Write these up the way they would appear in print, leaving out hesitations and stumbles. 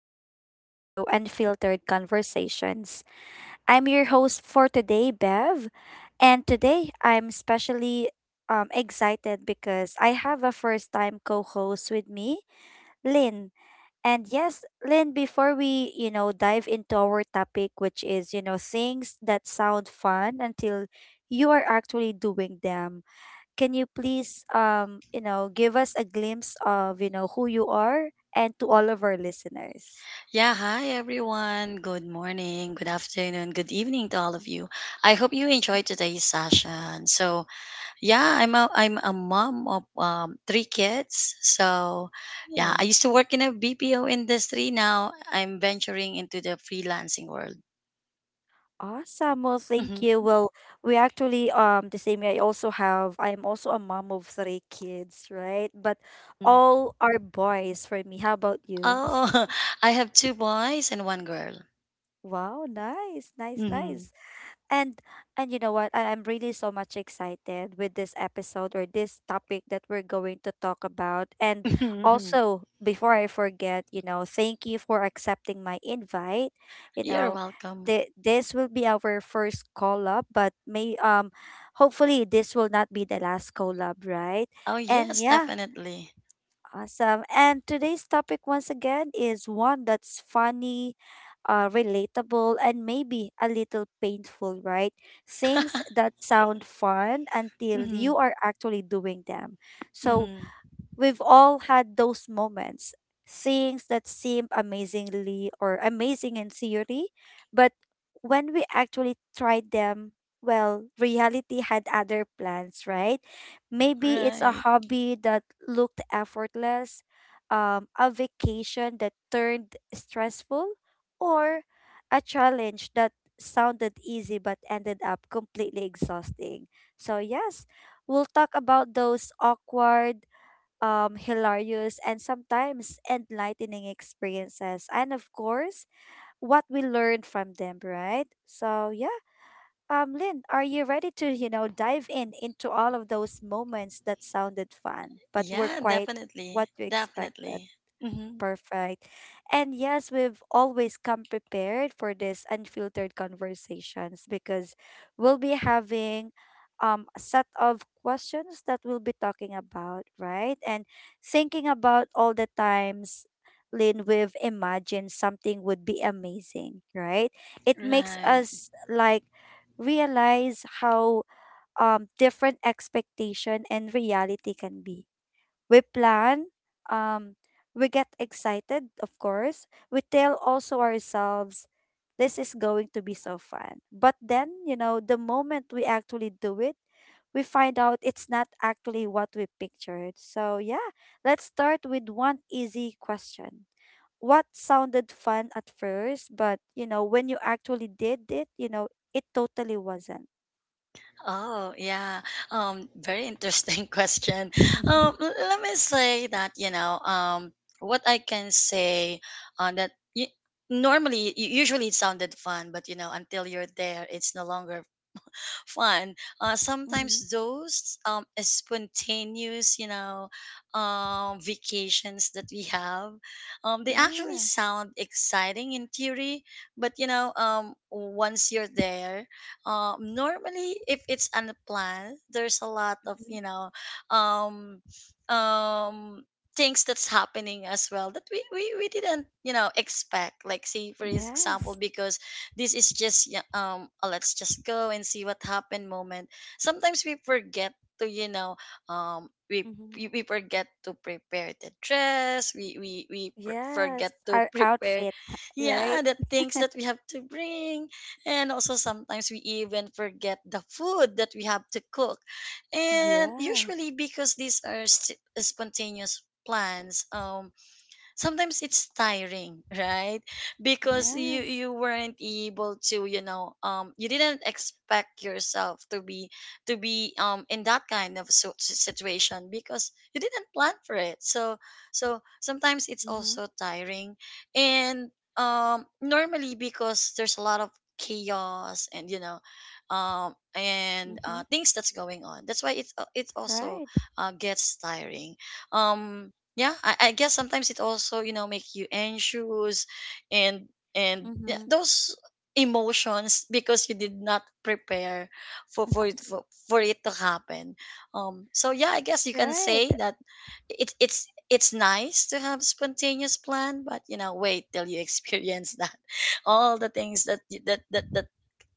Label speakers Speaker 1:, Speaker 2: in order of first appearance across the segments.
Speaker 1: welcome back to Unfiltered Conversations. I'm your host for today, Bev, and today I'm especially excited because I have a first time co host with me, Lynn. And yes, Lynn, before we, dive into our topic, which is, things that sound fun until you are actually doing them, can you please give us a glimpse of who you are and to all of our listeners.
Speaker 2: Yeah, hi everyone. Good morning, good afternoon, good evening to all of you. I hope you enjoyed today's session. So, yeah, I'm a mom of three kids. So, yeah,
Speaker 1: Oh,
Speaker 2: I used to work in a BPO industry. Now I'm venturing into the freelancing world.
Speaker 1: awesome, well thank you.
Speaker 2: Mhm.
Speaker 1: Well, we actually the same, I also have, I am also a mom of three kids, right? But
Speaker 2: Mm.
Speaker 1: all are boys for me. How about you?
Speaker 2: Oh, I have two boys and one girl.
Speaker 1: Wow, nice, nice,
Speaker 2: Mhm.
Speaker 1: nice. And and you know what? I am really so much excited with this episode or this topic that we're going to talk about. And also, before I forget, you know, thank you for accepting my invite. You
Speaker 2: You're
Speaker 1: know,
Speaker 2: welcome.
Speaker 1: the, this will be our first collab, but may hopefully this will not be the last collab, right?
Speaker 2: Oh
Speaker 1: And
Speaker 2: yes,
Speaker 1: yeah.
Speaker 2: definitely.
Speaker 1: Awesome. And today's topic, once again, is one that's funny, relatable, and maybe a little painful, right? Things that sound fun until
Speaker 2: Hmm.
Speaker 1: you are actually doing them. So,
Speaker 2: Hmm.
Speaker 1: we've all had those moments, things that seem amazing in theory, but when we actually tried them, well, reality had other plans, right? Maybe it's a
Speaker 2: Right.
Speaker 1: hobby that looked effortless, a vacation that turned stressful, or a challenge that sounded easy but ended up completely exhausting. So, yes, we'll talk about those awkward, hilarious, and sometimes enlightening experiences. And of course, what we learned from them, right? So, yeah. Lynn, are you ready to, you know, dive in into all of those moments that sounded fun but were
Speaker 2: Yeah,
Speaker 1: quite what
Speaker 2: definitely.
Speaker 1: you expected?
Speaker 2: Definitely. Hmm.
Speaker 1: Perfect. And yes, we've always come prepared for this unfiltered conversations because we'll be having a set of questions that we'll be talking about, right? And thinking about all the times, Lynn, we've imagined something would be amazing, right? It makes
Speaker 2: Right.
Speaker 1: us like realize how different expectation and reality can be. We plan, um, we get excited, of course. We tell also ourselves, this is going to be so fun. But then, you know, the moment we actually do it, we find out it's not actually what we pictured. So, yeah, let's start with one easy question. What sounded fun at first, but you know, when you actually did it, you know, it totally wasn't.
Speaker 2: Oh, yeah. Very interesting question.
Speaker 1: Hmm.
Speaker 2: Let me say that, what I can say on that y normally usually it sounded fun, but you know, until you're there, it's no longer fun. Sometimes those spontaneous, you know, vacations that we have, they actually
Speaker 1: Yeah.
Speaker 2: sound exciting in theory, but you know, once you're there, normally if it's unplanned, there's a lot of,
Speaker 1: Mhm.
Speaker 2: you know, um, um, things that's happening as well that we didn't, you know, expect. Like say for example,
Speaker 1: Yes.
Speaker 2: because this is just, yeah, a let's just go and see what happened moment, sometimes we forget to, you know, um we
Speaker 1: Mm-hmm.
Speaker 2: we forget to prepare the dress. We forget
Speaker 1: Yes,
Speaker 2: to
Speaker 1: our
Speaker 2: prepare,
Speaker 1: outfit,
Speaker 2: yeah,
Speaker 1: right?
Speaker 2: the things that we have to bring, and also sometimes we even forget the food that we have to cook. And
Speaker 1: Yeah.
Speaker 2: usually because these are spontaneous plans, sometimes it's tiring, right? Because you
Speaker 1: Yes.
Speaker 2: you weren't able to, you know, you didn't expect yourself to be, to be in that kind of situation because you didn't plan for it. So so sometimes it's
Speaker 1: Mm-hmm.
Speaker 2: also tiring, and normally because there's a lot of chaos, and you know, and
Speaker 1: Mm-hmm.
Speaker 2: things that's going on, that's why it also
Speaker 1: Right.
Speaker 2: gets tiring. um yeah, I guess sometimes it also, you know, make you anxious, and and yeah,
Speaker 1: Mm-hmm.
Speaker 2: those emotions, because you did not prepare for for it, for, for it to happen. So yeah, I guess you can
Speaker 1: Right.
Speaker 2: say that it's nice to have spontaneous plan, but you know, wait till you experience that all the things that y- that that that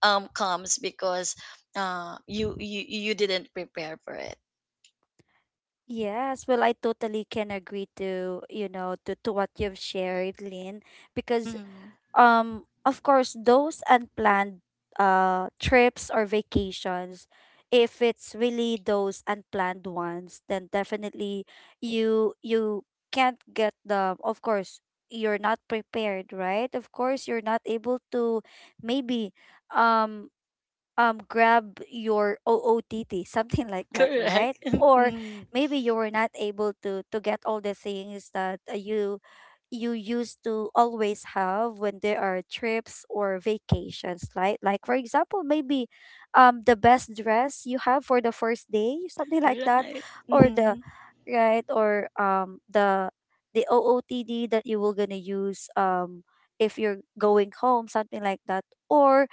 Speaker 2: um comes because uh you you you didn't prepare for it.
Speaker 1: Yes. Well, I totally can agree to, you know, to what you've shared, Lynn, because
Speaker 2: Mhm.
Speaker 1: of course those unplanned trips or vacations, if it's really those unplanned ones, then definitely you can't get the, of course you're not prepared, right? Of course you're not able to maybe um grab your OOTT, something like that, right?
Speaker 2: Correct.
Speaker 1: Or maybe you were not able to get all the things that you, you used to always have when there are trips or vacations, like, for example, maybe the best dress you have for the first day, something like that,
Speaker 2: Right.
Speaker 1: or the,
Speaker 2: Hmm.
Speaker 1: right, or the OOTD that you will gonna use if you're going home, something like that, or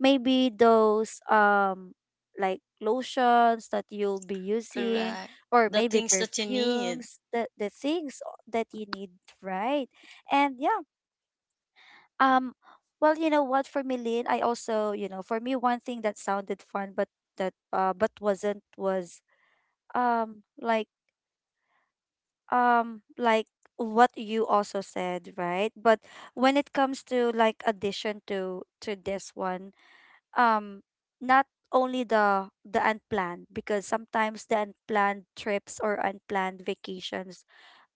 Speaker 1: maybe those like lotions that you'll be using,
Speaker 2: Correct.
Speaker 1: or
Speaker 2: The
Speaker 1: maybe
Speaker 2: things that you need.
Speaker 1: perfumes, the, things that you need, right? And yeah, um well, you know what, for me, Lynn, I also, you know, for me one thing that sounded fun but that but wasn't was um like like what you also said, right? But when it comes to like addition to this one, um not only the unplanned, because sometimes the unplanned trips or unplanned vacations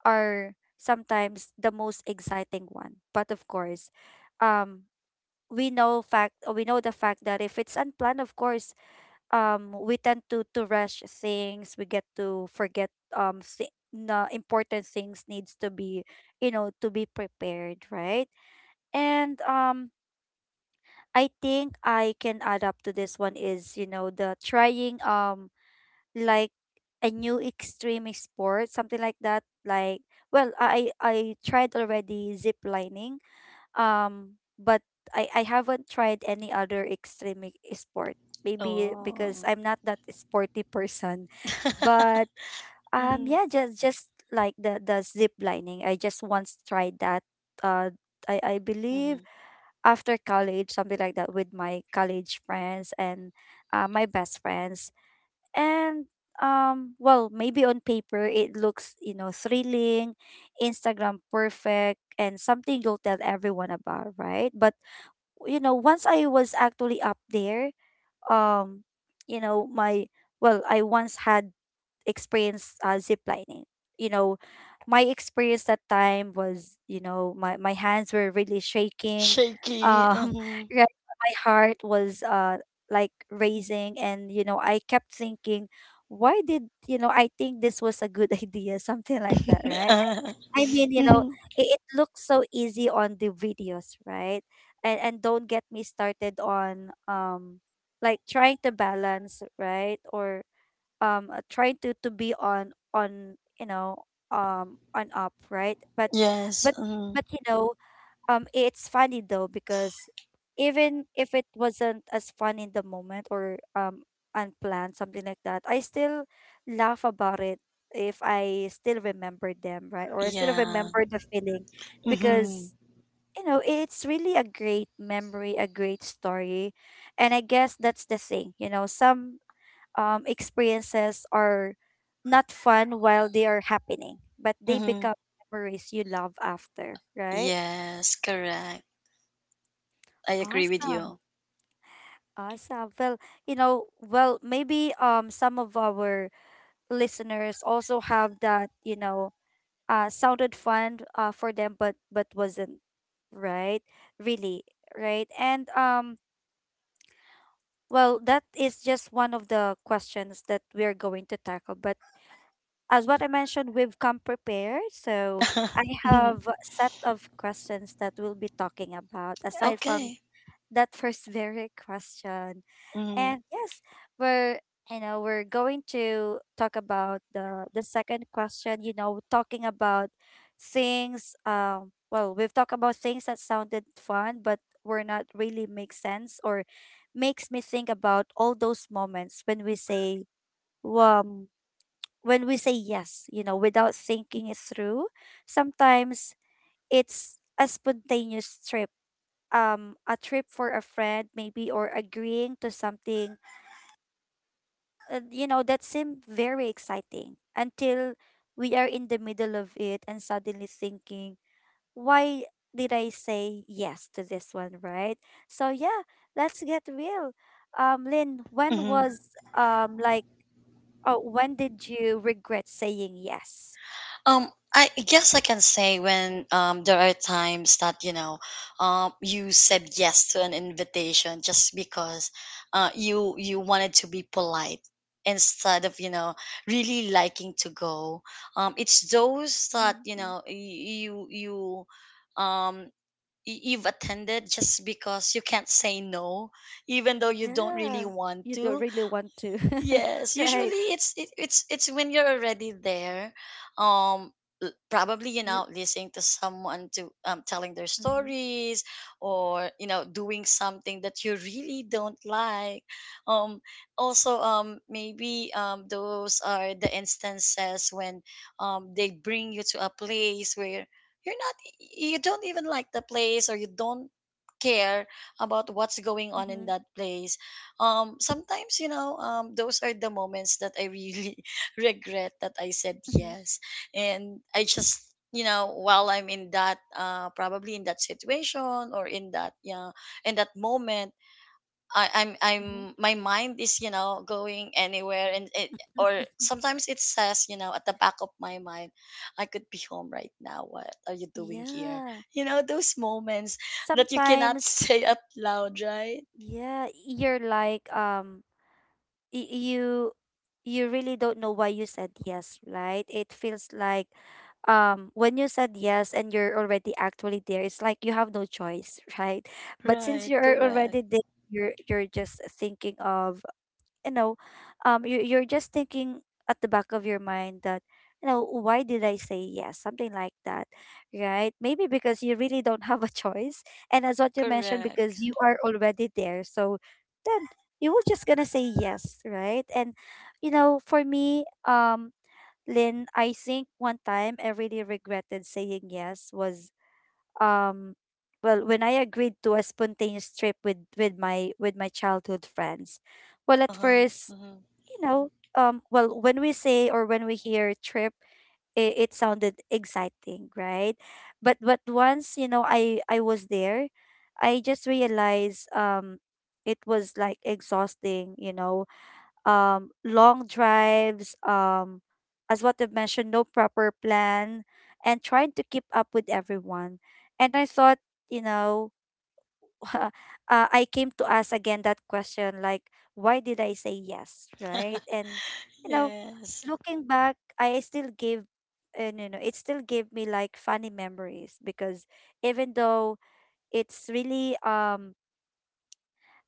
Speaker 1: are sometimes the most exciting one. But of course, um we know the fact that if it's unplanned, of course we tend to rush things, we get to forget th- na important things needs to be, you know, to be prepared, right? And I think I can add up to this one is, you know, the trying like a new extreme sport, something like that. Like, well, I tried already zip lining, but I haven't tried any other sport. Maybe because
Speaker 2: Oh.
Speaker 1: I'm not that sporty person, but
Speaker 2: Hmm.
Speaker 1: yeah, just like the zip lining, I just once tried that. Uh, I believe
Speaker 2: Hmm.
Speaker 1: after college, something like that, with my college friends and my best friends. And well, maybe on paper it looks, you know, thrilling, Instagram perfect, and something you'll tell everyone about, right? But you know, once I was actually up there, um, you know, my, well, I once had experience zip lining. You know, my experience that time was, you know, my hands were really shaking.
Speaker 2: Shaky.
Speaker 1: Um,
Speaker 2: Hmm.
Speaker 1: right, my heart was like raising, and you know, I kept thinking, why did you know? I think this was a good idea, something like that, right? I mean, you know,
Speaker 2: Hmm.
Speaker 1: it looks so easy on the videos, right? And don't get me started on like trying to balance, right? Or trying to be on, you know, on up, right? But
Speaker 2: Yes.
Speaker 1: but
Speaker 2: Hmm.
Speaker 1: you know, it's funny though because even if it wasn't as fun in the moment, or unplanned something like that, I still laugh about it if I still remember them, right? Or I still
Speaker 2: Yeah.
Speaker 1: remember the feeling,
Speaker 2: Hmm.
Speaker 1: because you know it's really a great memory, a great story. And I guess that's the thing, you know, some experiences are not fun while they are happening, but they
Speaker 2: Hmm.
Speaker 1: become memories you love after, right?
Speaker 2: Yes. Correct. I agree with
Speaker 1: Awesome.
Speaker 2: you.
Speaker 1: Awesome. Well, you know, well, maybe some of our listeners also have that, you know, sounded fun for them but wasn't, right? Really, right? And well, that is just one of the questions that we're going to tackle, but as what I mentioned, we've come prepared. So I
Speaker 2: Mhm.
Speaker 1: have a set of questions that we'll be talking about aside from
Speaker 2: Okay.
Speaker 1: that first very question.
Speaker 2: Hmm.
Speaker 1: And yes, we're you know, we're going to talk about the second question, you know, talking about things, well, we've talked about things that sounded fun but were not really make sense, or makes me think about all those moments when we say, wow, when we say yes, you know, without thinking it through. Sometimes it's a spontaneous trip. A trip for a friend, maybe, or agreeing to something, you know, that seemed very exciting until we are in the middle of it and suddenly thinking, why did I say yes to this one, right? So, yeah, let's get real. Lynn, when
Speaker 2: Hmm.
Speaker 1: was, um, like, oh, when did you regret saying yes?
Speaker 2: Um, I guess I can say when, there are times that, you know, you said yes to an invitation just because, you you wanted to be polite instead of, you know, really liking to go. It's those that, you
Speaker 1: Mm-hmm.
Speaker 2: know, um you've attended just because you can't say no, even though you don't
Speaker 1: Yeah,
Speaker 2: really want
Speaker 1: you don't
Speaker 2: to.
Speaker 1: really want to.
Speaker 2: Yes,
Speaker 1: Right.
Speaker 2: usually it's it, it's when you're already there, um, probably, you
Speaker 1: Z-
Speaker 2: know, listening to someone to telling their
Speaker 1: mhm,
Speaker 2: stories, or you know, doing something that you really don't like. Um, Also, maybe those are the instances when they bring you to a place where you're not, you don't even like the place, or you don't care about what's going on in
Speaker 1: mhm,
Speaker 2: that place. Sometimes, you know, those are the moments that I really regret that I said
Speaker 1: mhm,
Speaker 2: yes. And I just, you know, while I'm in that probably in that situation, or in that, yeah, in that moment, I'm,
Speaker 1: mhm.
Speaker 2: my mind is, you know, going anywhere. And it, or sometimes it says, you know, at the back of my mind, I could be home right now, what are you doing here?
Speaker 1: Yeah.
Speaker 2: You know those moments that you cannot
Speaker 1: Sometimes,
Speaker 2: say out loud, right?
Speaker 1: yeah, you're like you you really don't know why you said yes, right? It feels like when you said yes and you're already actually there, it's like you have no choice, right? But since
Speaker 2: Right.
Speaker 1: you're
Speaker 2: Correct.
Speaker 1: already there, you're just thinking of, you know, you're just thinking at the back of your mind that, you know, why did I say yes, something like that, right? Maybe because you really don't have a choice, and as what you mentioned,
Speaker 2: Correct.
Speaker 1: because you are already there, so then you were just gonna say yes, right? And you know, for me, Lynn, I think one time I really regretted saying yes was um well when I agreed to a spontaneous trip with with my childhood friends. Well, at
Speaker 2: Uh-huh.
Speaker 1: first,
Speaker 2: Mm-hmm.
Speaker 1: you know, well, when we say or when we hear trip, it sounded exciting, right? But once you know, I was there, I just realized it was like exhausting. You know, long drives, as what I mentioned, no proper plan, and trying to keep up with everyone. And I thought, you know, uh, I came to ask again that question, like, why did I say yes, right? And you know,
Speaker 2: Yes.
Speaker 1: looking back, I still give, no, no, it still gave me like funny memories because even though it's really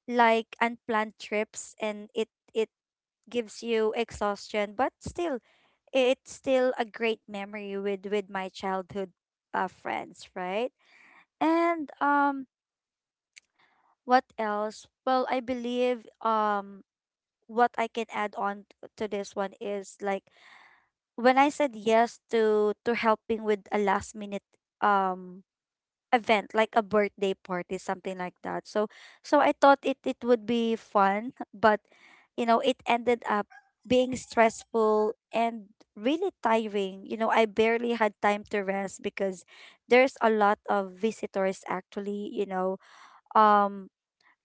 Speaker 1: like unplanned trips and it gives you exhaustion, but still it's still a great memory with my childhood friends, right? And what else? Well, I believe what I can add on to this one is like when I said yes to helping with a last minute um event, like a birthday party, something like that. So I thought it would be fun, but it ended up being stressful and really tiring. I barely had time to rest because there's a lot of visitors actually, you know. Um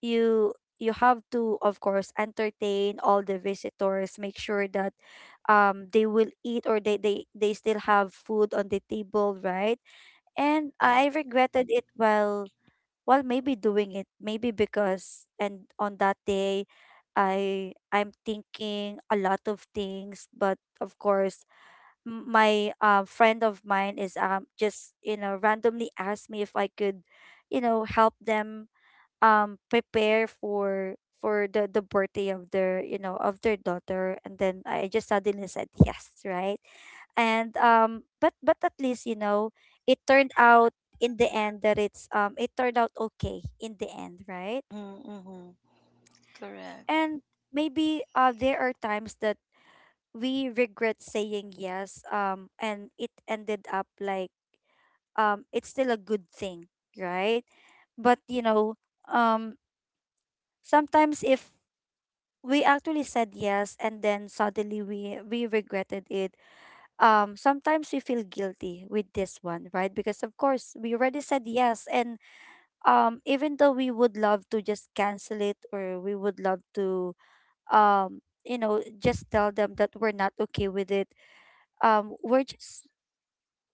Speaker 1: you have to, of course, entertain all the visitors. Make sure that they will eat, or they still have food on the table, right? And I
Speaker 2: Correct.
Speaker 1: regretted it while maybe doing it, maybe because, and on that day I'm thinking a lot of things, but of course my friend of mine is just, randomly asked me if I could, help them prepare for the birthday of their you know of their daughter, and then I just suddenly said yes, right? And but at least, it turned out in the end that it turned out okay in the end, right?
Speaker 2: Mm-hmm. Mm-hmm. Correct.
Speaker 1: And maybe there are times that we regret saying yes and it ended up like, it's still a good thing, right? But um sometimes if we actually said yes and then suddenly we regretted it. Sometimes we feel guilty with this one, right? Because of course we already said yes, and even though we would love to just cancel it, or we would love to just tell them that we're not okay with it. We're just,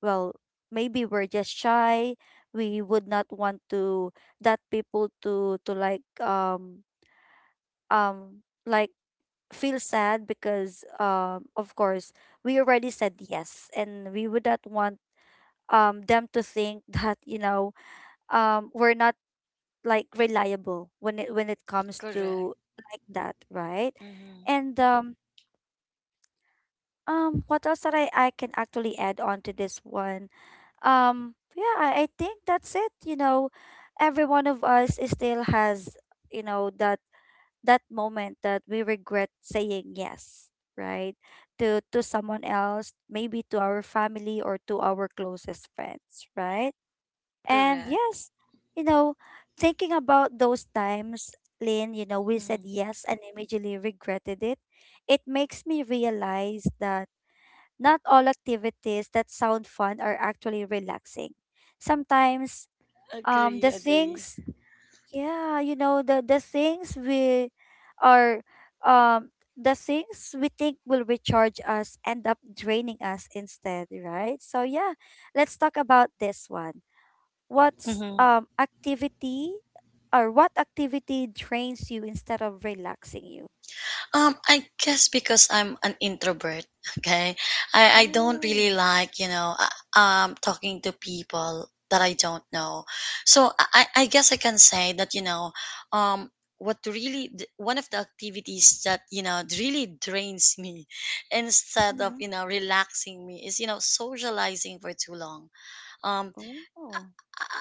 Speaker 1: well, maybe we're just shy. We would not want to, that people to like, like feel sad because, of course, we already said yes, and we would not want them to think, that, we're not like reliable when it comes
Speaker 2: Correct.
Speaker 1: to like that, right?
Speaker 2: Mm-hmm.
Speaker 1: And what else that I can actually add on to this one? Yeah, I think that's it. Every one of us is still has, you know the that moment that we regret saying yes, right? To someone else, maybe to our family or to our closest friends, right? And
Speaker 2: Correct.
Speaker 1: yes, you know, thinking about those times, Lynn, we said
Speaker 2: Mm.
Speaker 1: yes and immediately regretted it. It makes me realize that not all activities that sound fun are actually relaxing. Sometimes,
Speaker 2: Agree,
Speaker 1: the
Speaker 2: agree.
Speaker 1: things, yeah, the things we are, um the things we think will recharge us end up draining us instead, right? So yeah, let's talk about this one. What's
Speaker 2: Mm-hmm.
Speaker 1: activity, or what activity drains you instead of relaxing you?
Speaker 2: I guess because I'm an introvert, okay? I don't really
Speaker 1: Oh.
Speaker 2: like, you know, talking to people that I don't know. So I guess I can say that, you know, um, what really, one of the activities that, you know, really drains me instead of,
Speaker 1: Mm-hmm.
Speaker 2: you know, relaxing me is, you know, socializing for too long. Um,
Speaker 1: Oh.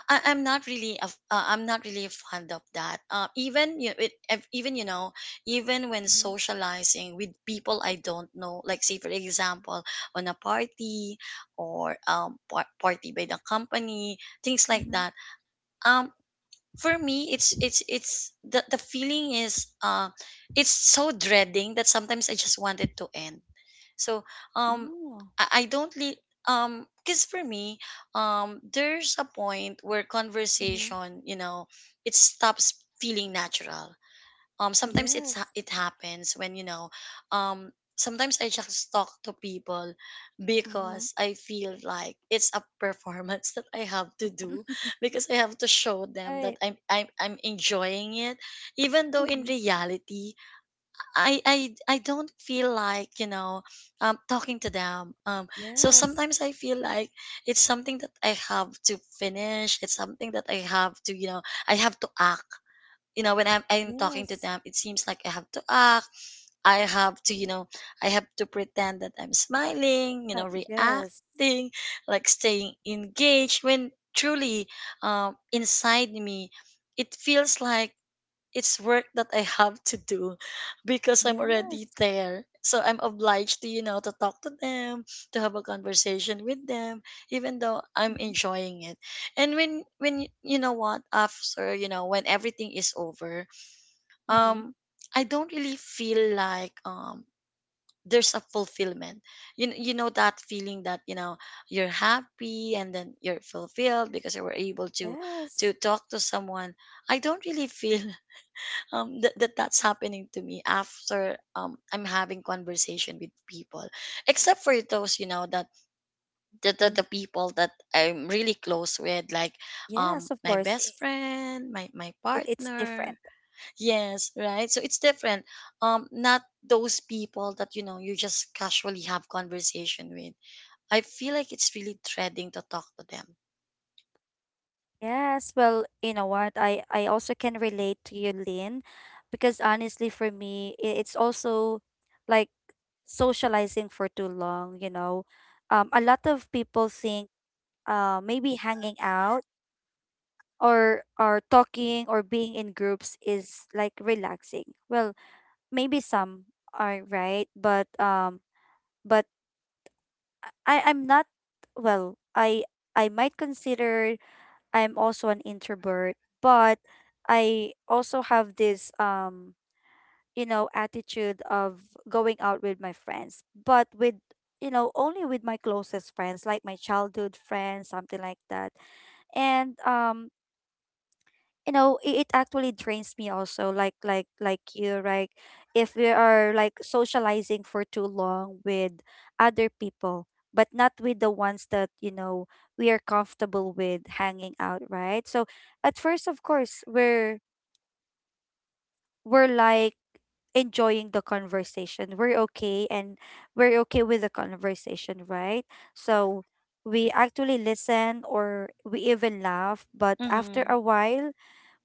Speaker 2: I'm not really I'm not really fond of that. Even, you know, even when
Speaker 1: Mm-hmm.
Speaker 2: socializing with people I don't know, like say for example on a party, or party by the company, things like
Speaker 1: Mm-hmm.
Speaker 2: that. Um, for me, it's the feeling is it's so dreading that sometimes I just wanted to end. so um
Speaker 1: Oh.
Speaker 2: I, I don't because for me, there's a point where
Speaker 1: Mm-hmm.
Speaker 2: conversation, you know, it stops feeling natural. Sometimes
Speaker 1: Yes.
Speaker 2: it happens when, you know, um sometimes I just talk to people
Speaker 1: Mm-hmm.
Speaker 2: because I feel like it's a performance that I have to do, because I have to show them that
Speaker 1: Right.
Speaker 2: I'm enjoying it, even though in
Speaker 1: Mm-hmm.
Speaker 2: reality, I I I don't feel like, you know, talking to them. So
Speaker 1: Yes,
Speaker 2: sometimes I feel like it's something that I have to finish, it's something that I have to, you know, I have to act. You know, when I'm talking to
Speaker 1: yes.
Speaker 2: them, it seems like I have to act, I have to, you know, I have to pretend that I'm smiling, you know,
Speaker 1: Yes.
Speaker 2: reacting, like staying engaged, when truly, inside me, it feels like it's work that I have to do, because I'm
Speaker 1: Yes.
Speaker 2: already there. So I'm obliged to, you know, to talk to them, to have a conversation with them, even though I'm
Speaker 1: Mm-hmm.
Speaker 2: enjoying it. And when you know what, after, you know, when everything is over,
Speaker 1: Mm-hmm.
Speaker 2: um, I don't really feel like there's a fulfillment. You you know that feeling that, you know, you're happy and then you're fulfilled because you were able
Speaker 1: Yes.
Speaker 2: to talk to someone. I don't really feel that's happening to me after I'm having conversation with people, except for those, you know, that the, the,
Speaker 1: Mm.
Speaker 2: the people that I'm really close with, like
Speaker 1: Yes, of
Speaker 2: my
Speaker 1: course. i-
Speaker 2: best friend, my
Speaker 1: It, it's different.
Speaker 2: partner. Yes, right, so it's different. Not those people that, you know, you just casually have conversation with. I feel like it's really dreading to talk to them.
Speaker 1: Yes. Well, you know what? I also can relate to you, Lynn, because honestly, for me, it's also like socializing for too long. A lot of people think, maybe hanging out or talking or being in groups is like relaxing. Well, maybe some are right, but but I'm not. Well, I might consider, I'm also an introvert, but I also have this attitude of going out with my friends, but with, only with my closest friends, like my childhood friends, something like that. And it actually drains me also, like you, right? If we are like socializing for too long with other people, but not with the ones that, we are comfortable with hanging out, right? So at first, of course, we're like enjoying the conversation. We're okay, and we're okay with the conversation, right? So we actually listen or we even laugh, but after
Speaker 2: Mm-hmm.
Speaker 1: a while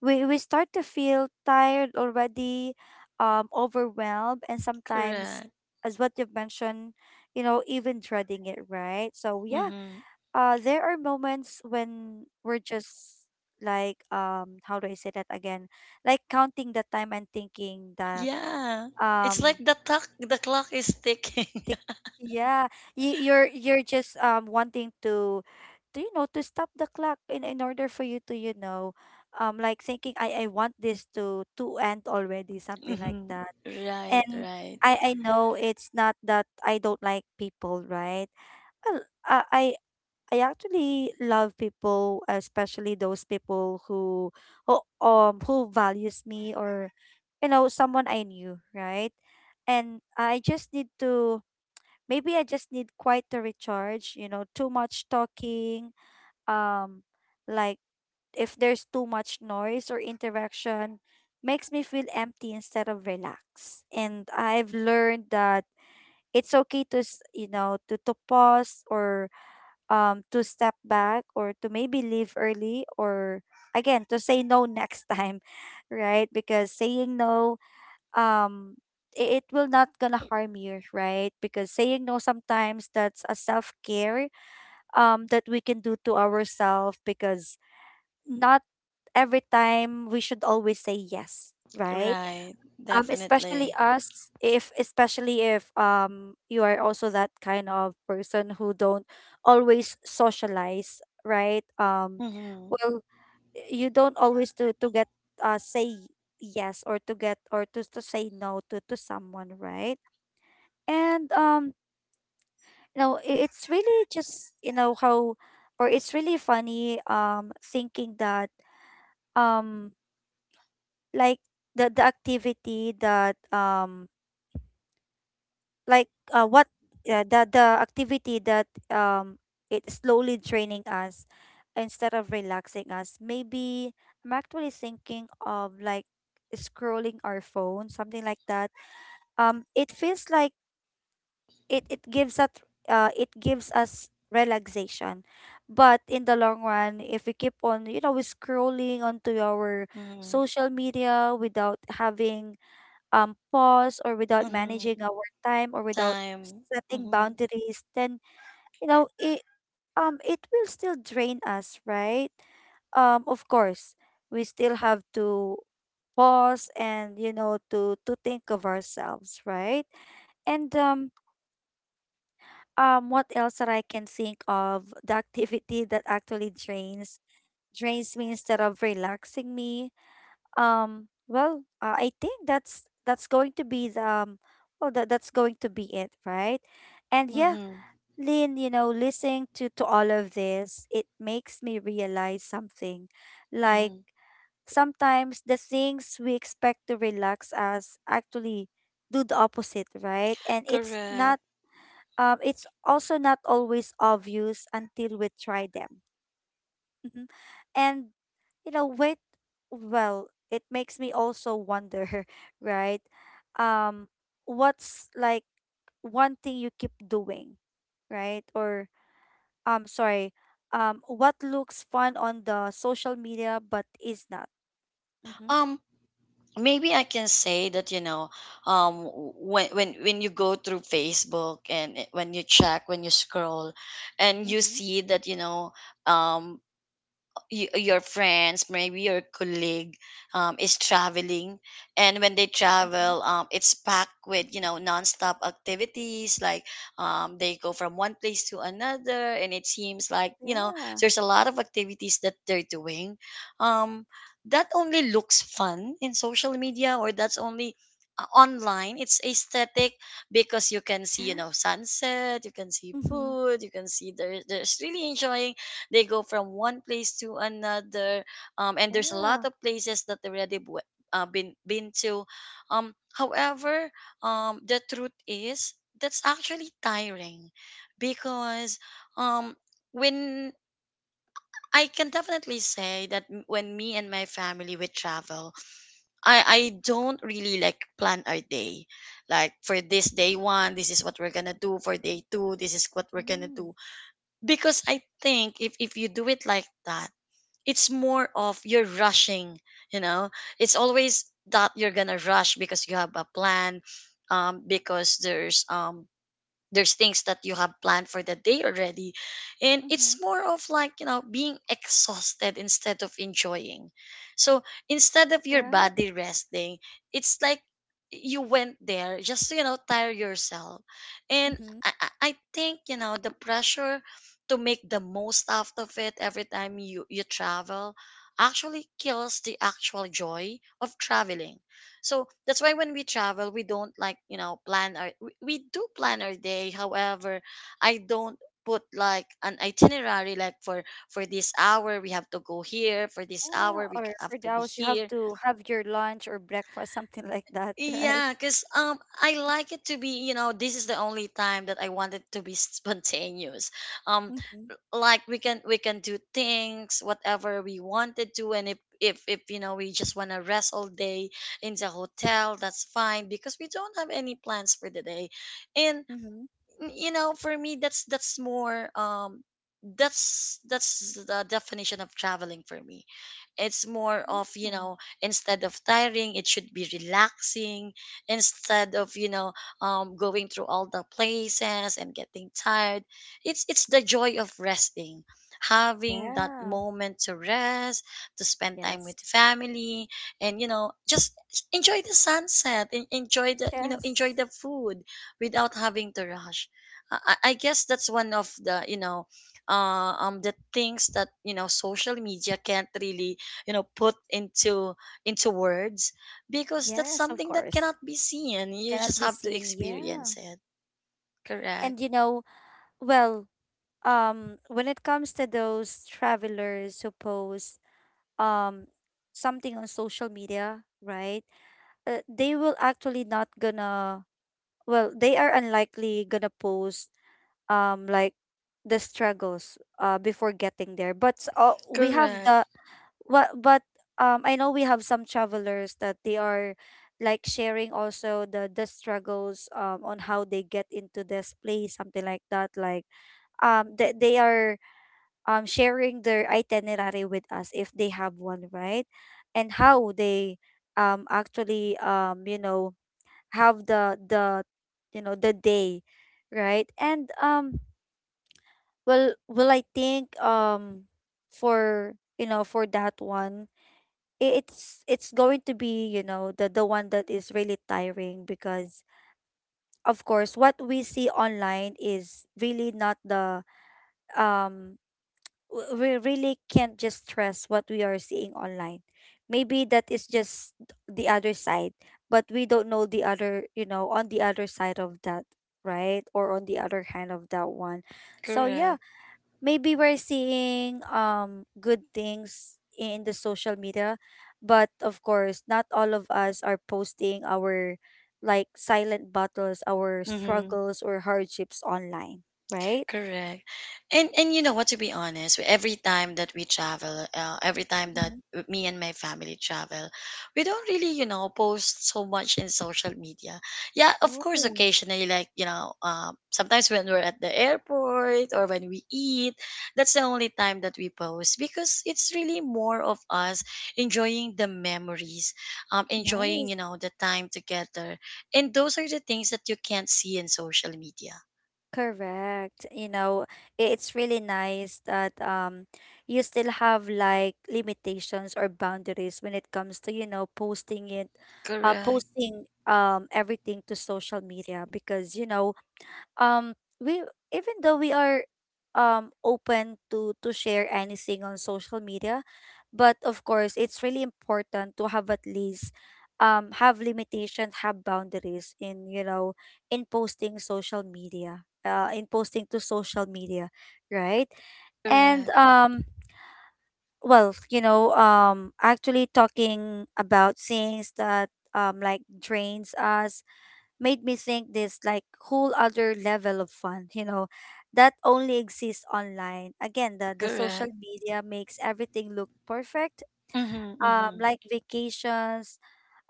Speaker 1: we start to feel tired already, overwhelmed, and sometimes,
Speaker 2: Correct.
Speaker 1: as what you've mentioned, even dreading it, right? So yeah,
Speaker 2: Mm-hmm.
Speaker 1: there are moments when we're just like, how do I say that again? Like counting the time and thinking that,
Speaker 2: Yeah. It's like
Speaker 1: um.
Speaker 2: the clock is ticking.
Speaker 1: Tik- Yeah, you're just wanting to, to stop the clock in order for you to, like thinking, I want this to end already, something like
Speaker 2: Mm-hmm.
Speaker 1: that.
Speaker 2: Right,
Speaker 1: And
Speaker 2: right,
Speaker 1: I know it's not that I don't like people, right? Well, I I I actually love people, especially those people who who values me, or, someone I knew, right? And I just need to Maybe I just need quiet to recharge. Too much talking, um, like, if there's too much noise or interaction, makes me feel empty instead of relaxed. And I've learned that it's okay to, s- you know, to pause, or to step back, or to maybe leave early, or again to say no next time, right? Because saying no, um it will not gonna harm you, right? Because saying no sometimes, that's a self-care that we can do to ourselves, because not every time we should always say yes, right?
Speaker 2: right. Definitely.
Speaker 1: Especially if you are also that kind of person who don't always socialize, right?
Speaker 2: Mm-hmm.
Speaker 1: Well, you don't always to get, say yes, or to get, or to say no to someone, right? And it's really just, how, or it's really funny, thinking that, um like the activity that, like what the activity that, it's slowly draining us instead of relaxing us. Maybe I'm actually thinking of like scrolling our phone, something like that. It feels like it it gives us it gives us relaxation, but in the long run, if we keep on, scrolling onto our
Speaker 2: Mm-hmm.
Speaker 1: social media without having, pause, or without
Speaker 2: Mm-hmm.
Speaker 1: managing our time, or without
Speaker 2: Time.
Speaker 1: setting
Speaker 2: Mm-hmm.
Speaker 1: boundaries, then, you know it it will still drain us, right? Of course, we still have to pause and, to think of ourselves, right? And what else that I can think of? The activity that actually drains me instead of relaxing me, well, I think that's going to be the, well, that's going to be it, right? And yeah,
Speaker 2: Mm-hmm.
Speaker 1: Lynn, listening to all of this, it makes me realize something. Like,
Speaker 2: Mm-hmm.
Speaker 1: sometimes the things we expect to relax us actually do the opposite, right? And
Speaker 2: Correct.
Speaker 1: it's also not always obvious until we try them. And, wait, well, it makes me also wonder, right? um what's like one thing you keep doing, right? Or, sorry, what looks fun on the social media but is not? Mm-hmm.
Speaker 2: Um, Maybe I can say that, you know, when you go through Facebook and when you check, when you scroll, and you
Speaker 1: Mm-hmm.
Speaker 2: see that, you know, um, your friends, maybe your colleague, is traveling, and when they
Speaker 1: Mm-hmm.
Speaker 2: travel, it's packed with, you know, nonstop activities. Like they go from one place to another, and it seems like, you know,
Speaker 1: Yeah.
Speaker 2: there's a lot of activities that they're doing. Um, that only looks fun in social media, or that's only online. It's aesthetic, because you can see, you
Speaker 1: Yeah.
Speaker 2: know, sunset, you can see
Speaker 1: Mm-hmm.
Speaker 2: food, you can see there there's really enjoying, they go from one place to another, and there's a lot
Speaker 1: Yeah.
Speaker 2: of places that they already been to. However, the truth is that's actually tiring, because um, when, I can definitely say that when me and my family would travel, I
Speaker 1: Mm-hmm.
Speaker 2: don't really like plan our day, like for this day one this is what we're gonna do, for day two this is what we're gonna
Speaker 1: Mm.
Speaker 2: do. Because I think if you do it like that, it's more of you're rushing, you know, it's always that you're gonna rush because you have a plan. Because there's things that you have planned for the day already, and
Speaker 1: Mm-hmm.
Speaker 2: it's more of, like, you know, being exhausted instead of enjoying. So instead of your
Speaker 1: Right.
Speaker 2: body resting, it's like you went there just to, you know, tire yourself. And
Speaker 1: Mm-hmm.
Speaker 2: I think, you know, the pressure to make the most out of it every time you you travel actually kills the actual joy of traveling. So that's why when we travel, we don't like, you know, plan our, we do plan our day. However, I don't put like an itinerary like, for this hour we have to go here, for this
Speaker 1: Yeah,
Speaker 2: hour we
Speaker 1: or
Speaker 2: have
Speaker 1: for
Speaker 2: to be
Speaker 1: those you have
Speaker 2: here.
Speaker 1: to have your lunch or breakfast, something like that, right?
Speaker 2: Yeah, because I like it to be, you know, this is the only time that I wanted to be spontaneous. Um,
Speaker 1: Mm-hmm.
Speaker 2: like we can do things whatever we wanted to, and if you know we just wanna rest all day in the hotel, that's fine because we don't have any plans for the day, and you know for me that's more that's the definition of traveling for me. It's more of, you
Speaker 1: Mm-hmm.
Speaker 2: know, instead of tiring it should be relaxing instead of going through all the places and getting tired. It's the joy of resting, having that
Speaker 1: Yeah.
Speaker 2: moment to rest, to spend time
Speaker 1: Yes.
Speaker 2: with family and, you know, just enjoy the sunset and enjoy the
Speaker 1: Yes.
Speaker 2: enjoy the food without having to rush. I guess that's one of the the things that, you know, social media can't really, you know, put into words because that's
Speaker 1: Yes, of
Speaker 2: something that
Speaker 1: course.
Speaker 2: cannot be seen. You
Speaker 1: Cannot
Speaker 2: just
Speaker 1: be
Speaker 2: have to
Speaker 1: seen. Yeah.
Speaker 2: experience it. Correct.
Speaker 1: And, well, when it comes to those travelers who post um something on social media, right? They will actually not gonna, well, they are unlikely gonna post like the struggles before getting there. But uh, we have
Speaker 2: Correct.
Speaker 1: the But but um I know we have some travelers that they are like sharing also the struggles on how they get into this place, something like that. Like, they are sharing their itinerary with us if they have one, right? And how they actually, have the you know the day, right? And well, I think, for, for that one, it's going to be, the one that is really tiring, because of course what we see online is really not um we really can't just trust what we are seeing online. Maybe that is just the other side, but we don't know the other, on the other side of that, right? Or on the other hand of that one. So yeah,
Speaker 2: Correct.
Speaker 1: maybe we're seeing good things in the social media, but of course not all of us are posting our like silent battles, our
Speaker 2: Mm-hmm.
Speaker 1: struggles, or hardships online, right?
Speaker 2: Correct. And you know what, to be honest, every time that we travel, every time that
Speaker 1: Mhm.
Speaker 2: me and my family travel, we don't really, you know, post so much in social media. Yeah, of course
Speaker 1: Oh.
Speaker 2: occasionally like, you know, sometimes when we're at the airport or when we eat, that's the only time that we post because it's really more of us enjoying the memories, enjoying,
Speaker 1: Nice.
Speaker 2: you know, the time together. And those are the things that you can't see in social media.
Speaker 1: Correct. You know, it's really nice that you still have like limitations or boundaries when it comes to, posting it, uh
Speaker 2: Correct.
Speaker 1: posting um everything to social media because, um we even though we are open to share anything on social media, but of course it's really important to have at least have limitations, have boundaries in, posting social media, in posting to social media, right? And,
Speaker 2: Correct,
Speaker 1: actually, talking about things that like drains us, made me think this like whole other level of fun, that only exists online. Again, the social
Speaker 2: correct.
Speaker 1: media makes everything look perfect.
Speaker 2: Mhm,
Speaker 1: Um,
Speaker 2: mhm,
Speaker 1: like vacations,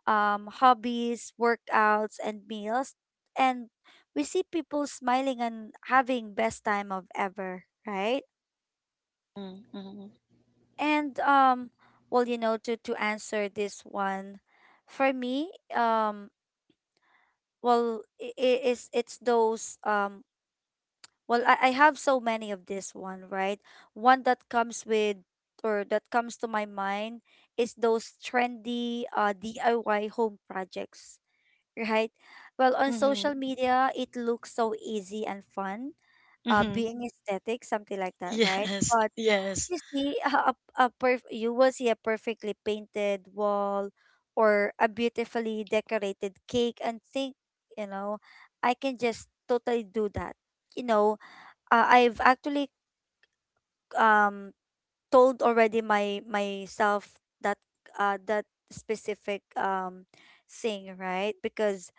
Speaker 1: hobbies, workouts, and meals. And we see people smiling and having best time of ever, right?
Speaker 2: mm, mhm,
Speaker 1: And well, you know, to answer this one, for me, well, I- it's those Well, I have so many of this one, right? One that comes with or that comes to my mind is those trendy DIY home projects, right? Well, on
Speaker 2: mhm,
Speaker 1: social media, it looks so easy and fun,
Speaker 2: mhm.
Speaker 1: being aesthetic, something like that, right?
Speaker 2: Yes,
Speaker 1: But
Speaker 2: yes.
Speaker 1: you see you will see a perfectly painted wall or a beautifully decorated cake and think, you know, I can just totally do that. You know, I've actually um told already my myself that that specific thing, right? Because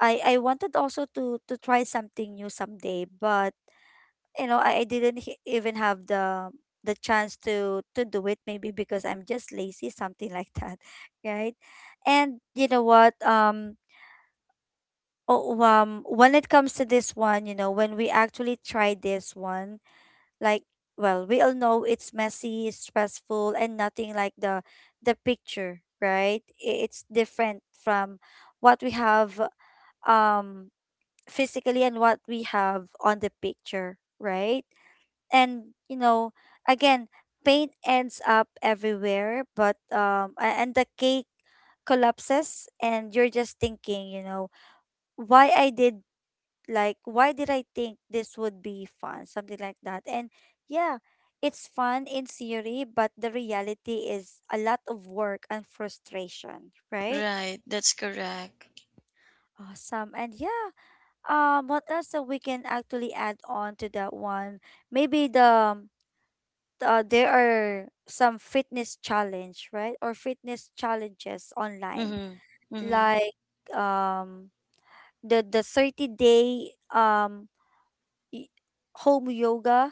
Speaker 1: I wanted also to try something new someday, but you know, I didn't even have the chance to do it maybe because I'm just lazy, something like that, right? And you know what? Oh, when it comes to this one, you know, when we actually tried this one. Like, we all know it's messy, stressful, and nothing like the picture, right? It's different from what we have um physically and what we have on the picture, right? And you know, again, paint ends up everywhere, but and the cake collapses and you're just thinking, you know, why I did why did I think this would be fun, something like that. And yeah, it's fun in theory, but the reality is a lot of work and frustration, right?
Speaker 2: Right, that's correct.
Speaker 1: Awesome. And yeah, what else that we can actually add on to that one? Maybe there are some fitness challenge, right? Or fitness challenges online,
Speaker 2: Mhm, mhm.
Speaker 1: like um the 30 day um y- home yoga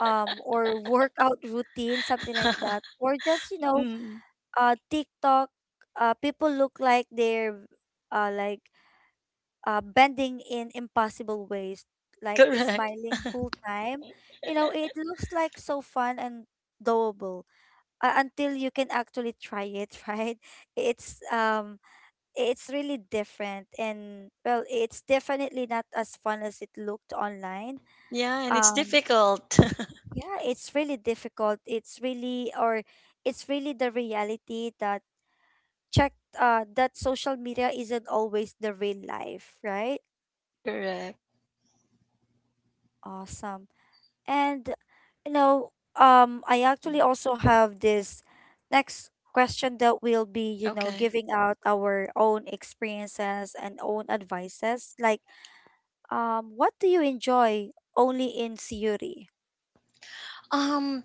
Speaker 1: or workout routine, something like that. Or just you know,
Speaker 2: Mm,
Speaker 1: TikTok. People look like they're uh like bending in impossible ways, like
Speaker 2: correct.
Speaker 1: smiling whole time. You know, it looks like so fun and doable, until you can actually try it, right? it's um it's really different, and well, it's definitely not as fun as it looked online.
Speaker 2: Yeah, and it's
Speaker 1: um
Speaker 2: difficult.
Speaker 1: Yeah, it's really difficult. It's really the reality check that social media isn't always the real life, right?
Speaker 2: Correct.
Speaker 1: Awesome. And you know, I
Speaker 2: Mm.
Speaker 1: actually also have this next question that will be, you know,
Speaker 2: Okay.
Speaker 1: giving out our own experiences and own advices. Like, what do you enjoy only in Siyuri?
Speaker 2: Um,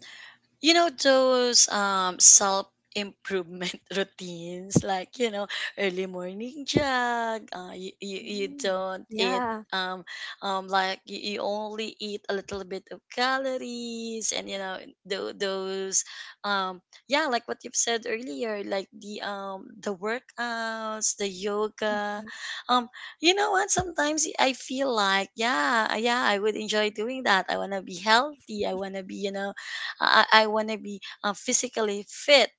Speaker 2: you know those self improvement routines like, you know, early morning jog, you
Speaker 1: Mm,
Speaker 2: don't eat,
Speaker 1: yeah.
Speaker 2: um like you only eat a little bit of calories, and, you know, those um yeah, like what you've said earlier, like the workouts, the yoga,
Speaker 1: Mhm.
Speaker 2: um you know what, sometimes I feel like yeah yeah I would enjoy doing that. I want to be healthy, I want to be, you know, I want to be physically fit.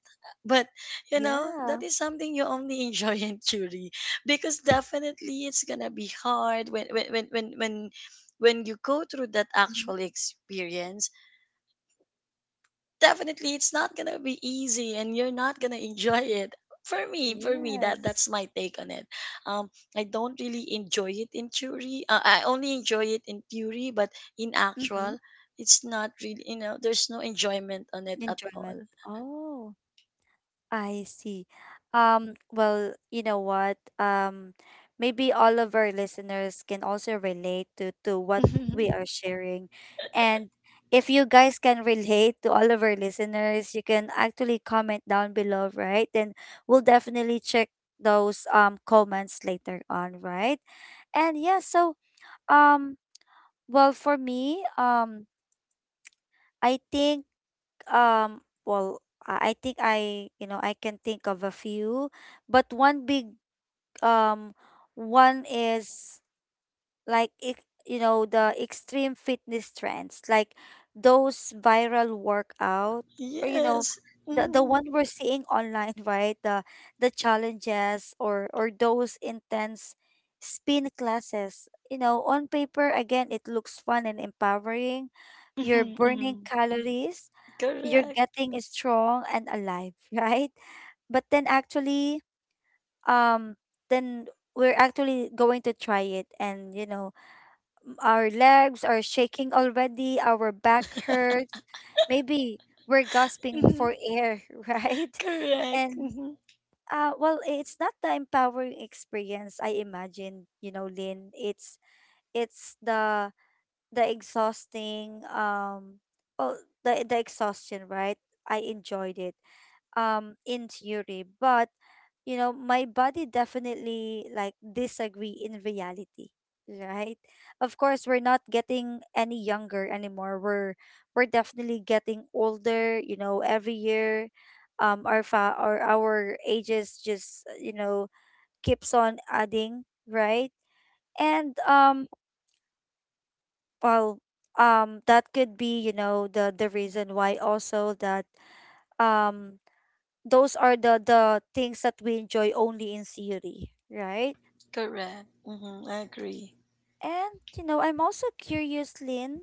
Speaker 2: But, you know,
Speaker 1: Yeah.
Speaker 2: that is something you only enjoy in theory, because definitely it's gonna be hard when you go through that
Speaker 1: Mhm.
Speaker 2: actual experience. Definitely, it's not gonna be easy, and you're not gonna enjoy it. For me, that
Speaker 1: Yes.
Speaker 2: that's my take on it. Um, I don't really enjoy it in theory. I only enjoy it in theory, but in
Speaker 1: Mm-hmm.
Speaker 2: actual, it's not really, you know, there's no enjoyment on it at
Speaker 1: Enjoyment.
Speaker 2: all.
Speaker 1: Oh, I see. You know what? Maybe all of our listeners can also relate to what we are sharing. And if you guys can relate to all of our listeners, you can actually comment down below, right? Then we'll definitely check those comments later on, right? And yeah, so um for me, I think Um, well, I think I, you know, I can think of a few, but one big um one is like it, you know, the extreme fitness trends, like those viral workout, or you know,
Speaker 2: Yes.
Speaker 1: the
Speaker 2: Mhm.
Speaker 1: one we're seeing online, right? The challenges or those intense spin classes. You know, on paper again it looks fun and empowering. You're
Speaker 2: Mhm,
Speaker 1: burning
Speaker 2: mhm.
Speaker 1: calories, you're
Speaker 2: Correct.
Speaker 1: getting strong and alive, right? But then actually, um, then we're actually going to try it, and you know, our legs are shaking already, our back hurts, maybe we're gasping
Speaker 2: Mhm.
Speaker 1: for air, right?
Speaker 2: Correct.
Speaker 1: And
Speaker 2: Mhm.
Speaker 1: it's not the empowering experience I imagine, you know, Lynn. It's the exhausting well, the exhaustion, right? I enjoyed it in theory, but you know my body definitely like disagree in reality, right? Of course we're not getting any younger anymore. We're definitely getting older, you know, every year our fa- or our ages just you know, keeps on adding, right? And well that could be, you know, the reason why also that um those are the things that we enjoy only in theory, right?
Speaker 2: Correct. Mhm. I agree.
Speaker 1: And you know, I'm also curious, Lynn,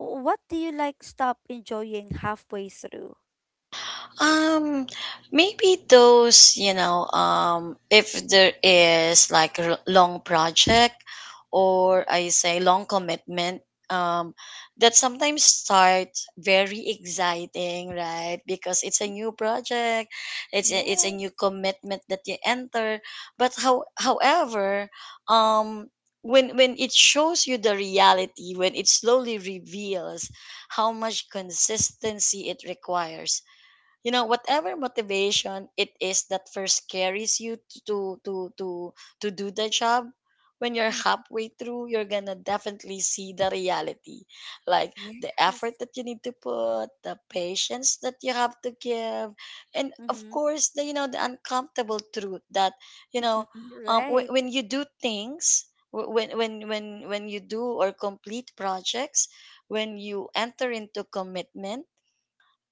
Speaker 1: what do you like stop enjoying halfway through?
Speaker 2: Um, maybe those, you know, if there is like a long project or, I say, long commitment, um, that sometimes starts very exciting, right? Because it's a new project, it's it's a
Speaker 1: Yes.
Speaker 2: new commitment that you enter. But however, um, when it shows you the reality, when it slowly reveals how much consistency it requires, you know, whatever motivation it is that first carries you to to to to do the job, when you're
Speaker 1: Mm,
Speaker 2: halfway through you're gonna definitely see the reality, like the
Speaker 1: yes.
Speaker 2: effort that you need to put, the patience that you have to give, and of
Speaker 1: Mhm.
Speaker 2: course the, you know, the uncomfortable truth that, you know,
Speaker 1: Right.
Speaker 2: when you do things when you do or complete projects, when you enter into commitment,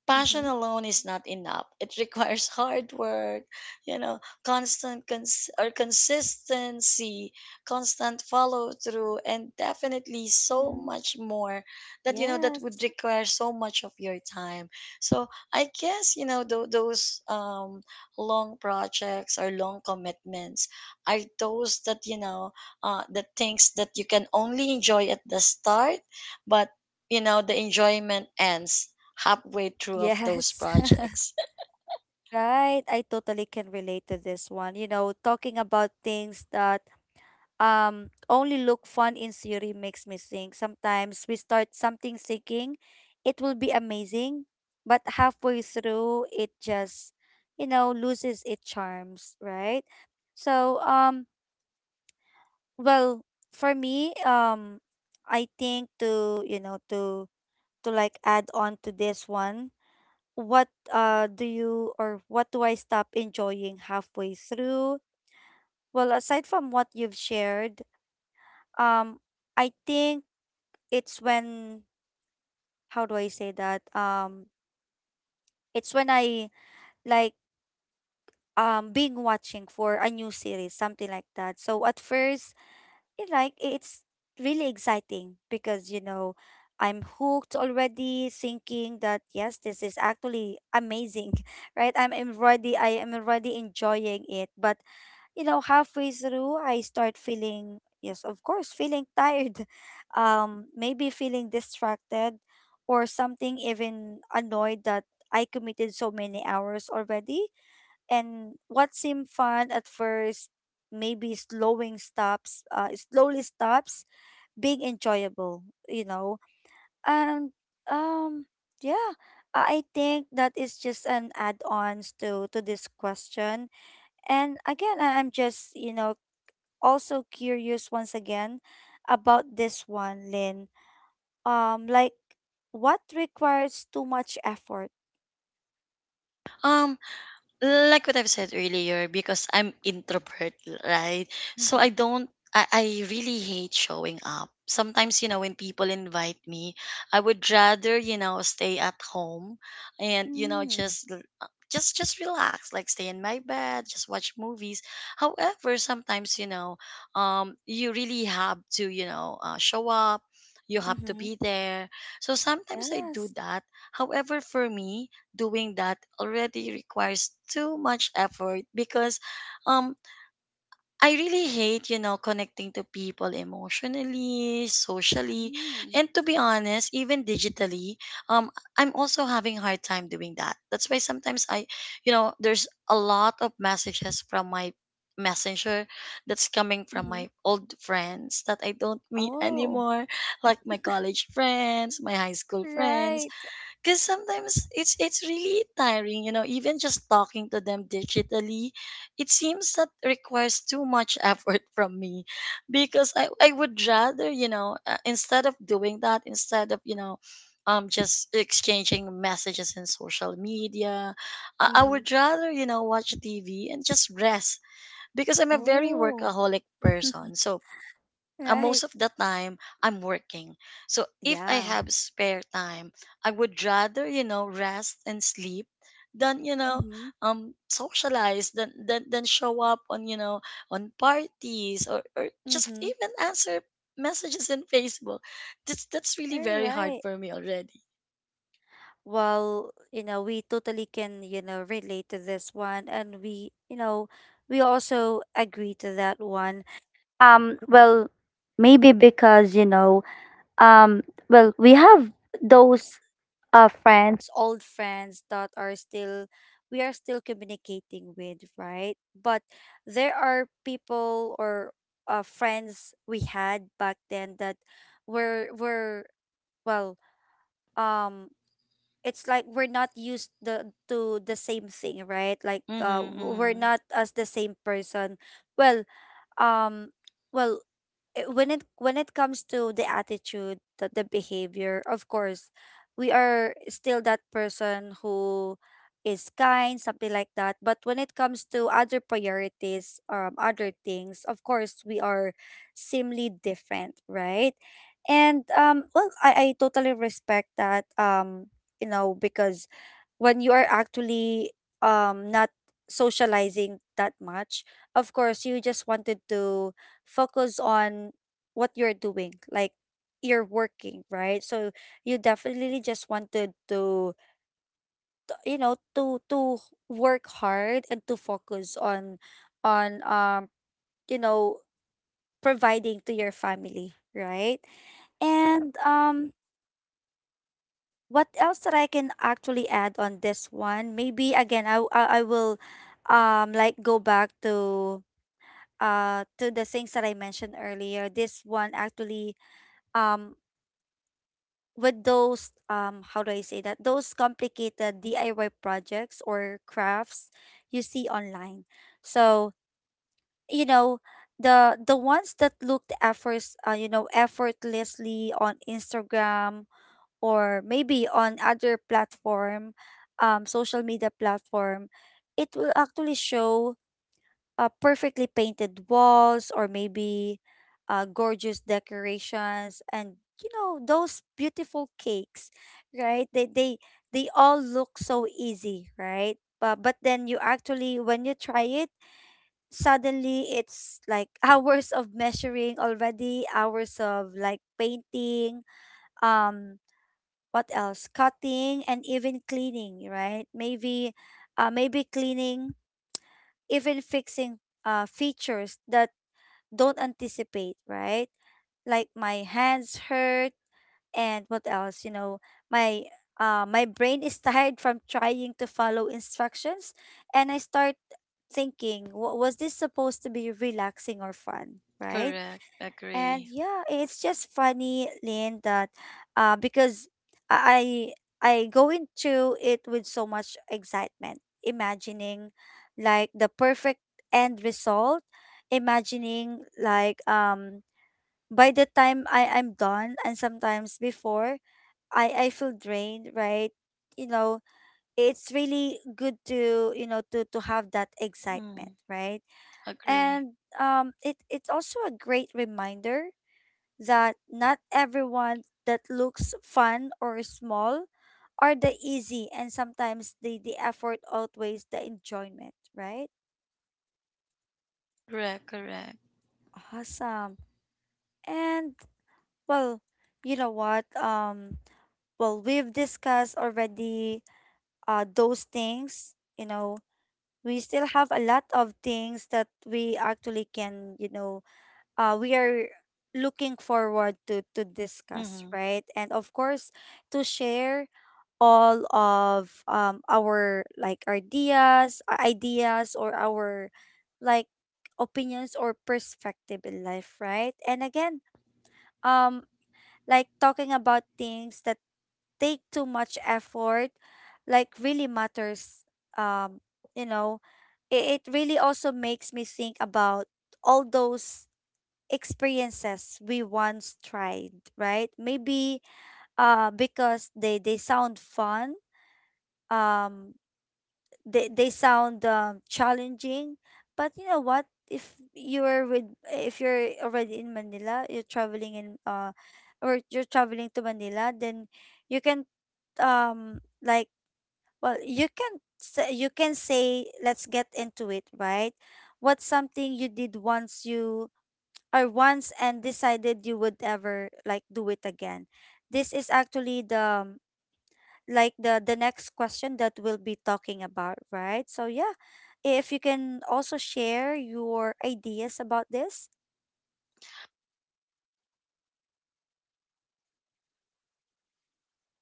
Speaker 2: passion
Speaker 1: Mhm.
Speaker 2: alone is not enough. It requires hard work, you know, constant cons- or consistency, constant follow through, and definitely so
Speaker 1: Mm-hmm.
Speaker 2: much more that, you know, that
Speaker 1: Yes.
Speaker 2: would require so much of your time. So I guess, you know, those long projects or long commitments are those that, you know, the things that you can only enjoy at the start, but, you know, the enjoyment ends halfway through of those
Speaker 1: Yes.
Speaker 2: projects.
Speaker 1: Right. I totally can relate to this one. You know, talking about things that only look fun in theory makes me think sometimes we start something thinking it will be amazing, but halfway through it just, you know, loses its charms, right? So well for me, I think to, you know, to like add on to this one, what do you, or what do I stop enjoying halfway through? Well, aside from what you've shared, um I think it's when, how do I say that? It's when I, like, being watching for a new series, something like that. So at first, it's really exciting because you know I'm hooked already, thinking that yes, this is actually amazing, right? I am already enjoying it, but you know, halfway through, I start feeling, yes, of course, feeling tired, maybe feeling distracted, or something even annoyed that I committed so many hours already. And what seemed fun at first, maybe slowly stops being enjoyable, you know. And um, yeah, I think that is just an add-ons to this question. And again, I'm just, you know, also curious once again about this one, Lynn. Like what requires too much effort?
Speaker 2: Um, like what I've said earlier, because I'm introvert, right? So I
Speaker 1: Mm-hmm.
Speaker 2: don't, I really hate showing up. Sometimes, you know, when people invite me, I would rather, you know, stay at home and, you know,
Speaker 1: Mm-hmm.
Speaker 2: just l- just relax, like stay in my bed, just watch movies. However sometimes, you know, um, you really have to, you know, show up, you have to
Speaker 1: Mm-hmm.
Speaker 2: be there, so sometimes I do
Speaker 1: Yes.
Speaker 2: that. However, for me, doing that already requires too much effort because, um, I really hate, you know, connecting to people emotionally, socially,
Speaker 1: Mm.
Speaker 2: and to be honest, even digitally. Um, I'm also having a hard time doing that. That's why sometimes I, you know, there's a lot of messages from my messenger that's coming from
Speaker 1: Mm-hmm.
Speaker 2: my old friends that I don't meet
Speaker 1: Oh.
Speaker 2: anymore, like my college friends, my high school friends,
Speaker 1: Right.
Speaker 2: because sometimes it's really tiring, you know, even just talking to them digitally. It seems that requires too much effort from me, because I would rather, you know, instead of doing that, instead of, you know, um, just exchanging messages in social media, I
Speaker 1: Mm-hmm.
Speaker 2: would rather, you know, watch tv and just rest, because I'm a very
Speaker 1: Oh.
Speaker 2: workaholic person. So,
Speaker 1: Right.
Speaker 2: most of the time I'm working. So if I
Speaker 1: Yeah.
Speaker 2: have spare time, I would rather, you know, rest and sleep than, you know,
Speaker 1: Mm-hmm.
Speaker 2: um, socialize, than show up on, you know, on parties, or just
Speaker 1: Mm-hmm.
Speaker 2: even answer messages in Facebook. That's really
Speaker 1: All
Speaker 2: very hard
Speaker 1: right.
Speaker 2: for me already.
Speaker 1: Well, you know, we totally can, you know, relate to this one, and we, you know, we also agree to that one. Um, well, Maybe because, you know, um, we have those friends, old friends that are still, we are still communicating with, right? But there are people or friends we had back then that were were well, um it's like we're not used the to the same thing, right? Like
Speaker 2: Mm-hmm,
Speaker 1: we're
Speaker 2: mm-hmm.
Speaker 1: not as the same person. Well, um well when it, when it comes to the attitude, the behavior, of course we are still that person who is kind, something like that. But when it comes to other priorities, other things, of course we are seemingly different, right? And I totally respect that, you know, because when you are actually not socializing that much, of course you just wanted to focus on what you're doing, like you're working, right? So you definitely just wanted to, you know, to work hard and to focus on on um you know, providing to your family, right? And what else that I can actually add on this one? Maybe again, I will like go back to the things that I mentioned earlier. This one actually, um with those how do I say that, those complicated DIY projects or crafts you see online. So you know, the ones that looked efforts you know, effortlessly on Instagram, or maybe on other platform, social media platform. It will actually show perfectly painted walls, or maybe gorgeous decorations, and you know, those beautiful cakes, right? They they all look so easy, right? But then you actually, when you try it, suddenly it's like hours of measuring already, hours of like painting, um what else, cutting, and even cleaning, right? Maybe cleaning, even fixing, features that don't anticipate, right? Like my hands hurt, and what else, you know, my my brain is tired from trying to follow instructions, and I start thinking, what was this supposed to be relaxing or fun, right?
Speaker 2: Correct.
Speaker 1: And
Speaker 2: Agree.
Speaker 1: yeah, it's just funny, Lynn, that because I I go into it with so much excitement, imagining like the perfect end result, imagining like by the time I'm done, and sometimes before I feel drained, right? You know, it's really good to, you know, to have that
Speaker 2: Mm,
Speaker 1: excitement, right?
Speaker 2: agree.
Speaker 1: And it it's also a great reminder that not everyone that looks fun or small are the easy, and sometimes the effort outweighs the enjoyment, right?
Speaker 2: Correct, correct.
Speaker 1: Awesome. And well, you know what? We've discussed already those things. You know, we still have a lot of things that we actually can, you know, we are looking forward to discuss,
Speaker 2: Mm-hmm.
Speaker 1: right? And of course, to share all of our like ideas, ideas or our like opinions or perspective in life, right? And again, um like talking about things that take too much effort, like really matters. um you know it really also makes me think about all those experiences we once tried, right? Maybe because they sound fun, um they sound challenging. But you know what, if you're with, if you're already in Manila, you're traveling in or you're traveling to Manila, then you can, um like well, you can say let's get into it, right? What's something you did once, you or once and decided you would ever like do it again. This is actually the like the next question that we'll be talking about, right? So yeah, if you can also share your ideas about this.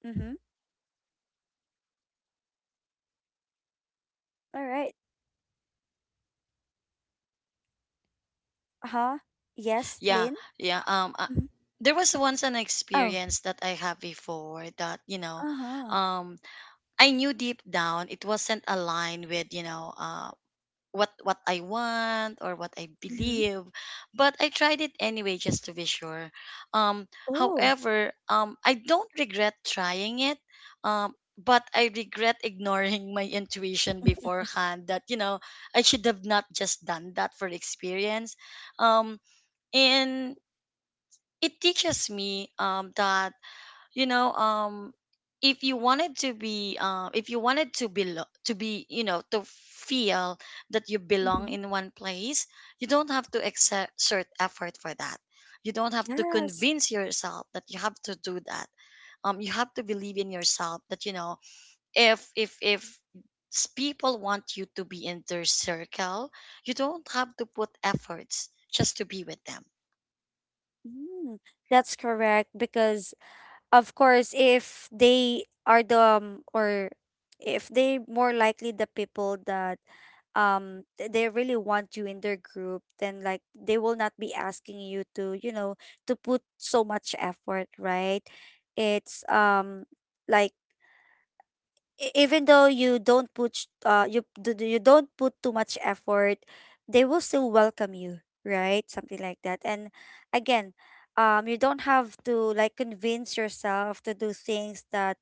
Speaker 1: Mm-hmm. All right. Huh? Yes,
Speaker 2: Yeah,
Speaker 1: Lynn?
Speaker 2: yeah.
Speaker 1: Mm-hmm.
Speaker 2: There was once an
Speaker 1: Oh.
Speaker 2: experience that I had before that, you know,
Speaker 1: Uh-huh.
Speaker 2: um, I knew deep down it wasn't aligned with, you know, what I want or what I
Speaker 1: Mm-hmm.
Speaker 2: believe, but I tried it anyway just to be sure. Um,
Speaker 1: Oh.
Speaker 2: however, I don't regret trying it. Um. But I regret ignoring my intuition beforehand, that, you know, I should have not just done that for experience. Um, and it teaches me that, you know, um, if you wanted to be if you wanted to be you know, to feel that you belong
Speaker 1: Mm-hmm.
Speaker 2: in one place, you don't have to exert effort for that. You don't have to
Speaker 1: Yes.
Speaker 2: convince yourself that you have to do that. Um, you have to believe in yourself that, you know, if people want you to be in their circle, you don't have to put efforts just to be with them.
Speaker 1: Mm. That's correct, because of course, if they are the or if they more likely the people that they really want you in their group, then like they will not be asking you to, you know, to put so much effort, right? It's like even though you don't put you you don't put too much effort, they will still welcome you, right? Something like that. And again, you don't have to like convince yourself to do things that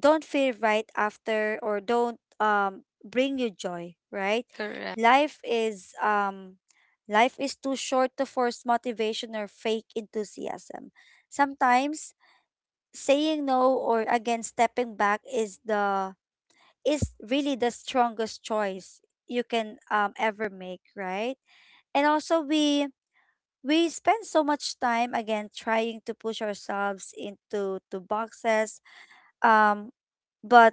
Speaker 1: don't feel right after or don't bring you joy, right?
Speaker 2: Correct.
Speaker 1: Life is life is too short to force motivation or fake enthusiasm. Sometimes saying no, or again stepping back, is the, is really the strongest choice you can ever make, right? And also, we spend so much time again trying to push ourselves into to boxes. Um, but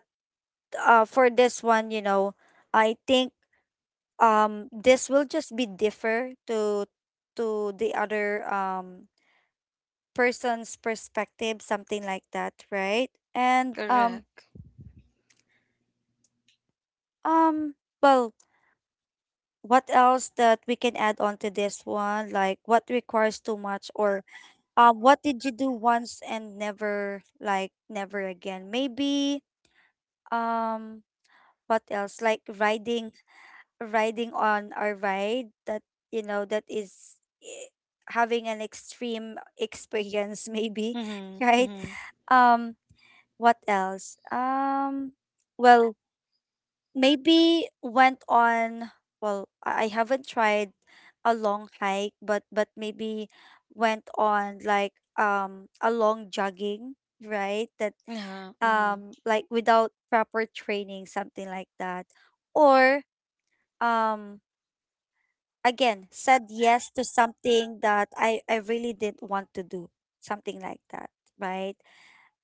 Speaker 1: for this one, you know, I think this will just be differ to the other person's perspective, something like that, right? And
Speaker 2: Correct.
Speaker 1: um well What else that we can add on to this one? Like what requires too much, or what did you do once and never, like never again? Maybe um what else? Like riding on our ride that, you know, that is, eh, having an extreme experience maybe,
Speaker 2: Mm-hmm.
Speaker 1: right?
Speaker 2: Mm-hmm.
Speaker 1: Um what else? Well, maybe went on, well, I haven't tried a long hike, but maybe went on like a long jogging, right? That
Speaker 2: Uh-huh. Mm-hmm.
Speaker 1: like without proper training, something like that. Or um again, said yes to something that I really didn't want to do, something like that, right?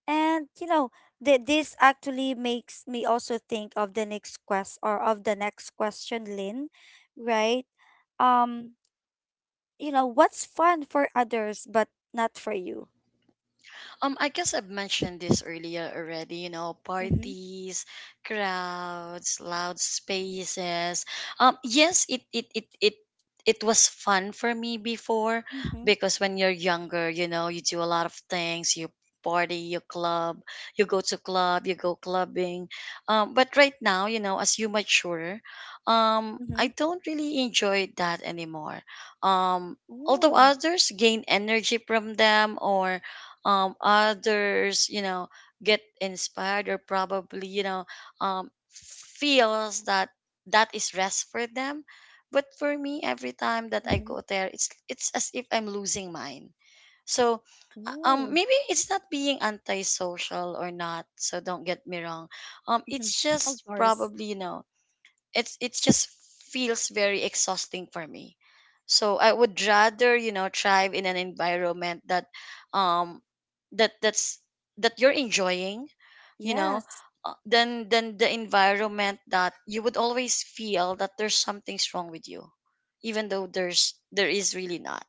Speaker 1: And you know, this actually makes me also think of the next quest, or of the next question, Lynn, right? Um, you know, what's fun for others but not for you?
Speaker 2: I guess I've mentioned this earlier already, you know,
Speaker 1: Mm-hmm.
Speaker 2: parties, crowds, loud spaces. Yes, it was fun for me before
Speaker 1: Mm-hmm.
Speaker 2: because when you're younger, you know, you do a lot of things. You party, you club, you go clubbing. But right now, you know, as you mature,
Speaker 1: Mm-hmm.
Speaker 2: I don't really enjoy that anymore. Um, although
Speaker 1: Ooh.
Speaker 2: others gain energy from them, or others, you know, get inspired, or probably, you know, um, feels that that is rest for them. But for me, every time that I
Speaker 1: Mm-hmm.
Speaker 2: go there, it's as if I'm losing mine. So,
Speaker 1: Ooh.
Speaker 2: maybe it's not being antisocial or not. So don't get me wrong.
Speaker 1: Mm-hmm.
Speaker 2: It's
Speaker 1: Of
Speaker 2: just
Speaker 1: course.
Speaker 2: probably, you know, it just feels very exhausting for me. So I would rather, you know, thrive in an environment that, um, that that's that you're enjoying, you know,
Speaker 1: Yes.
Speaker 2: than the environment that you would always feel that there's something's wrong with you, even though there is really not.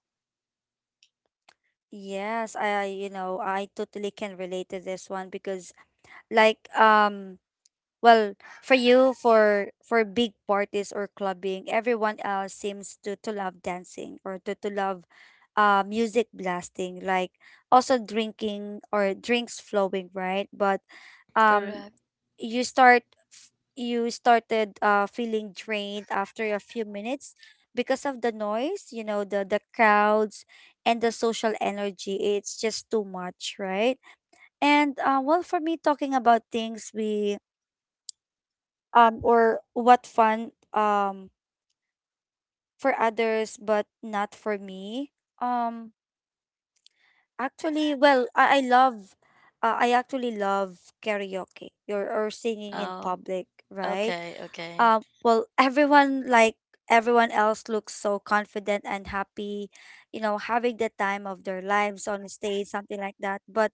Speaker 1: Yes, you know, I totally can relate to this one because like well, for you, for big parties or clubbing, everyone else seems to love dancing or to love music blasting, like also drinking or drinks flowing, right? But um
Speaker 2: Correct.
Speaker 1: you start, you started feeling drained after a few minutes because of the noise, you know, the crowds and the social energy. It's just too much, right? And well, for me, talking about things we or what fun um for others but not for me, um actually, well, I love, I actually love karaoke, or singing in
Speaker 2: Oh,
Speaker 1: public, right?
Speaker 2: okay, okay.
Speaker 1: Well, everyone like, everyone else looks so confident and happy, you know, having the time of their lives on stage, something like that. But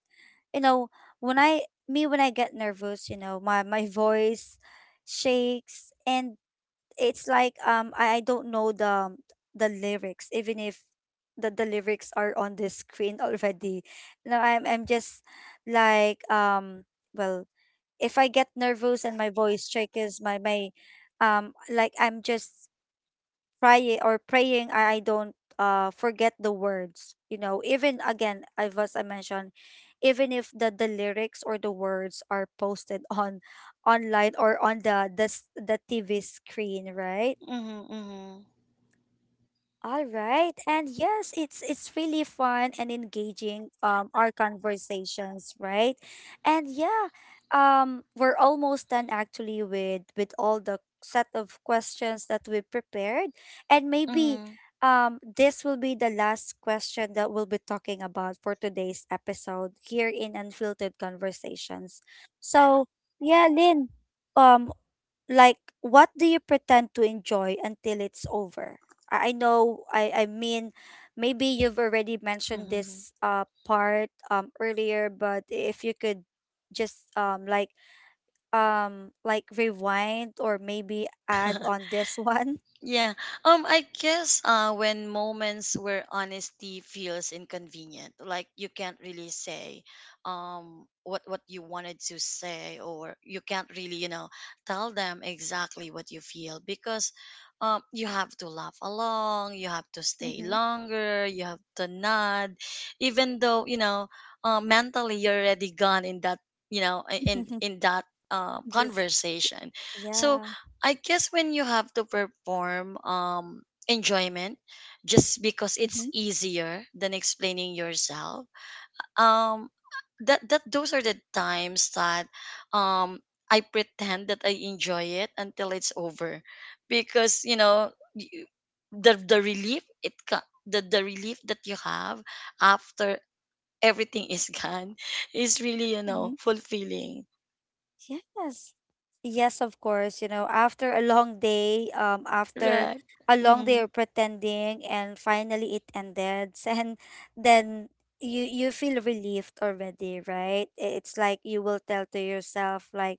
Speaker 1: you know, when I me, when I get nervous, you know, my voice shakes. And it's like I don't know the lyrics, even if the lyrics are on the screen already. Now I'm just like well, if I get nervous and my voice shakes, my like I'm just praying, or praying I don't forget the words, you know, even again as was I mentioned, even if the the lyrics or the words are posted on online or on the the TV screen, right?
Speaker 2: Mm-hmm, mm-hmm,
Speaker 1: All right. And yes, it's really fun and engaging, our conversations, right? And yeah, we're almost done actually with all the set of questions that we prepared, and maybe
Speaker 2: mm-hmm,
Speaker 1: this will be the last question that we'll be talking about for today's episode here in Unfiltered Conversations. So yeah, Lynn, um like what do you pretend to enjoy until it's over? I know, I mean, maybe you've already mentioned
Speaker 2: mm-hmm.
Speaker 1: this part earlier, but if you could just like rewind or maybe add on this one?
Speaker 2: Yeah. I guess uh, when moments where honesty feels inconvenient, like you can't really say, um, what you wanted to say, or you can't really, you know, tell them exactly what you feel, because, um, you have to laugh along, you have to stay longer, you have to nod, even though, you know, mentally you're already gone in that, you know, in
Speaker 1: Mm-hmm.
Speaker 2: in that
Speaker 1: This,
Speaker 2: conversation. So,
Speaker 1: yeah.
Speaker 2: I guess when you have to perform um, enjoyment just because it's
Speaker 1: Mm-hmm.
Speaker 2: easier than explaining yourself. Um, that that those are the times that, um, I pretend that I enjoy it until it's over, because, you know, y- the the relief that you have after everything is gone is really, you
Speaker 1: Mm-hmm.
Speaker 2: know, fulfilling.
Speaker 1: Yes. Yes, of course. You know, after a long day, after
Speaker 2: Correct.
Speaker 1: a long day
Speaker 2: Mm-hmm.
Speaker 1: of pretending, and finally it ended, and then you feel relieved already, right? It's like you will tell to yourself like,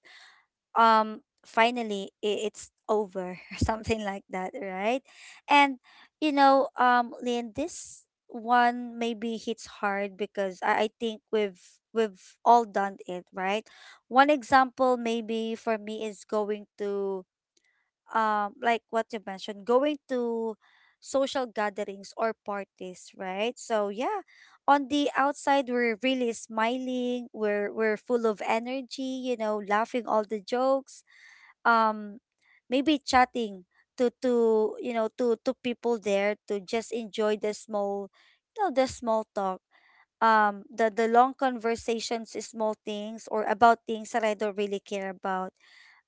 Speaker 1: um finally it's over, or something like that, right? And you know, Lynn, this one maybe hits hard because I think we've all done it, right? One example maybe for me is going to, like what you mentioned, going to social gatherings or parties, right? So yeah, on the outside we're really smiling, we're full of energy, you know, laughing all the jokes, um maybe chatting to to people there, to just enjoy the small, you know, the small talk, the long conversations, small things or about things that I don't really care about,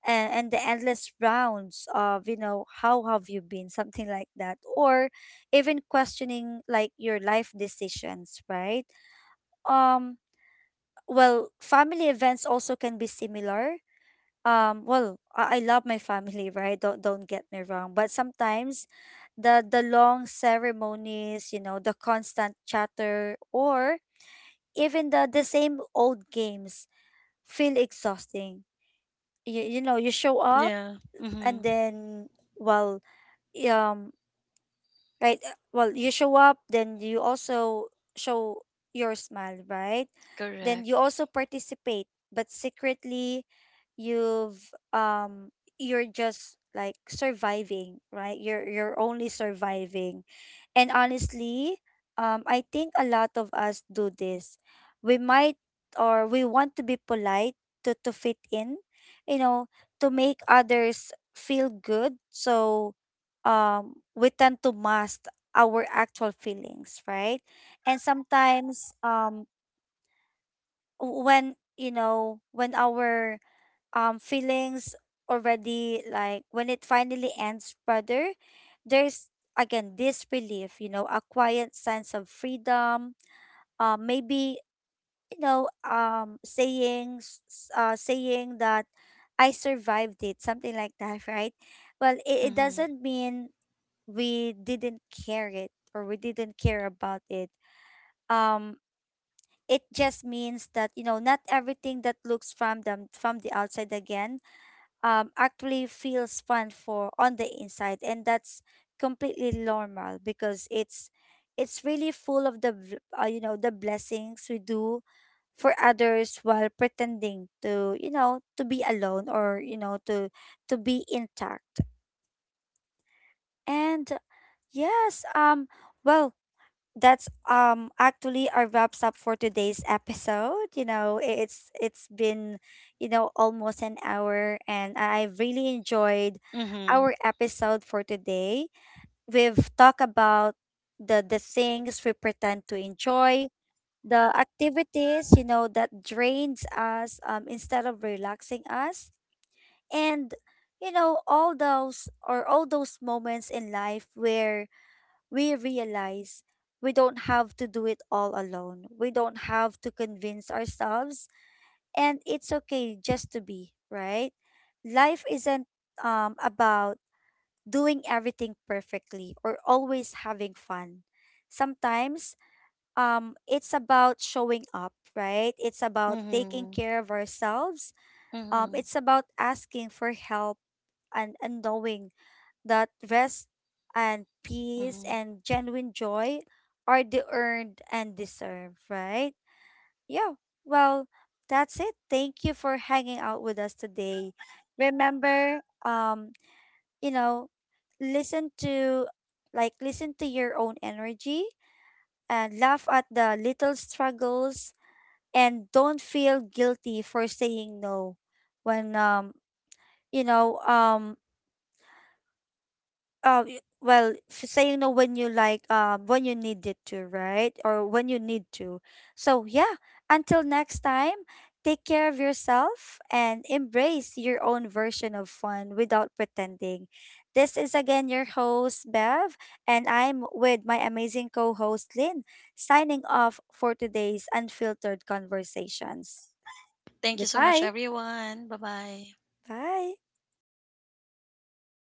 Speaker 1: and the endless rounds of, you know, how have you been, something like that, or even questioning like your life decisions, right? um well, family events also can be similar. Well, I love my family, right? Don't get me wrong, but sometimes the long ceremonies, you know, the constant chatter, or even the same old games feel exhausting. You know, you show up,
Speaker 2: Yeah, mm-hmm.
Speaker 1: and then, well, um right? Well, you show up, then you also show your smile, right? Then
Speaker 2: Correct.
Speaker 1: you also participate, but secretly, you've you're just like surviving, right? You're only surviving. And honestly, I think a lot of us do this. We might, or we want to be polite, to fit in, you know, to make others feel good. So we tend to mask our actual feelings, right? And sometimes when, you know, when our feelings already, like when it finally ends, brother, there's again this relief, you know, a quiet sense of freedom. Maybe, you know, saying saying that I survived it, something like that, right? Well, it
Speaker 2: Mhm.
Speaker 1: doesn't mean we didn't care it, or we didn't care about it. um it just means that, you know, not everything that looks from them from the outside again actually feels fun for on the inside, and that's completely normal, because it's really full of the you know, the blessings we do for others while pretending to, you know, to be alone, or you know, to be intact. And yes, well, that's actually our wraps up for today's episode. You know, it's been, you know, almost an hour, and I've really enjoyed
Speaker 2: Mhm.
Speaker 1: our episode for today. We've talked about the things we pretend to enjoy, the activities, you know, that drains us instead of relaxing us. And you know, all those or all those moments in life where we realize we don't have to do it all alone. We don't have to convince ourselves, and it's okay just to be, right? Life isn't about doing everything perfectly or always having fun. Sometimes it's about showing up, right? It's about taking
Speaker 2: Mhm.
Speaker 1: care of ourselves.
Speaker 2: Mhm.
Speaker 1: It's about asking for help, and knowing that rest and peace
Speaker 2: Mhm.
Speaker 1: and genuine joy are the earned and deserved, right? Yeah. Well, that's it. Thank you for hanging out with us today. Remember, you know, listen to like listen to your own energy, and laugh at the little struggles, and don't feel guilty for saying no when you know um well, saying no when you like, when you need it to, right? Or when you need to. So yeah, until next time, take care of yourself and embrace your own version of fun without pretending. This is again your host, Bev, and I'm with my amazing co host, Lynn, signing off for today's Unfiltered Conversations.
Speaker 2: Thank you so much,
Speaker 1: Goodbye.
Speaker 2: everyone. Bye bye.
Speaker 1: Bye.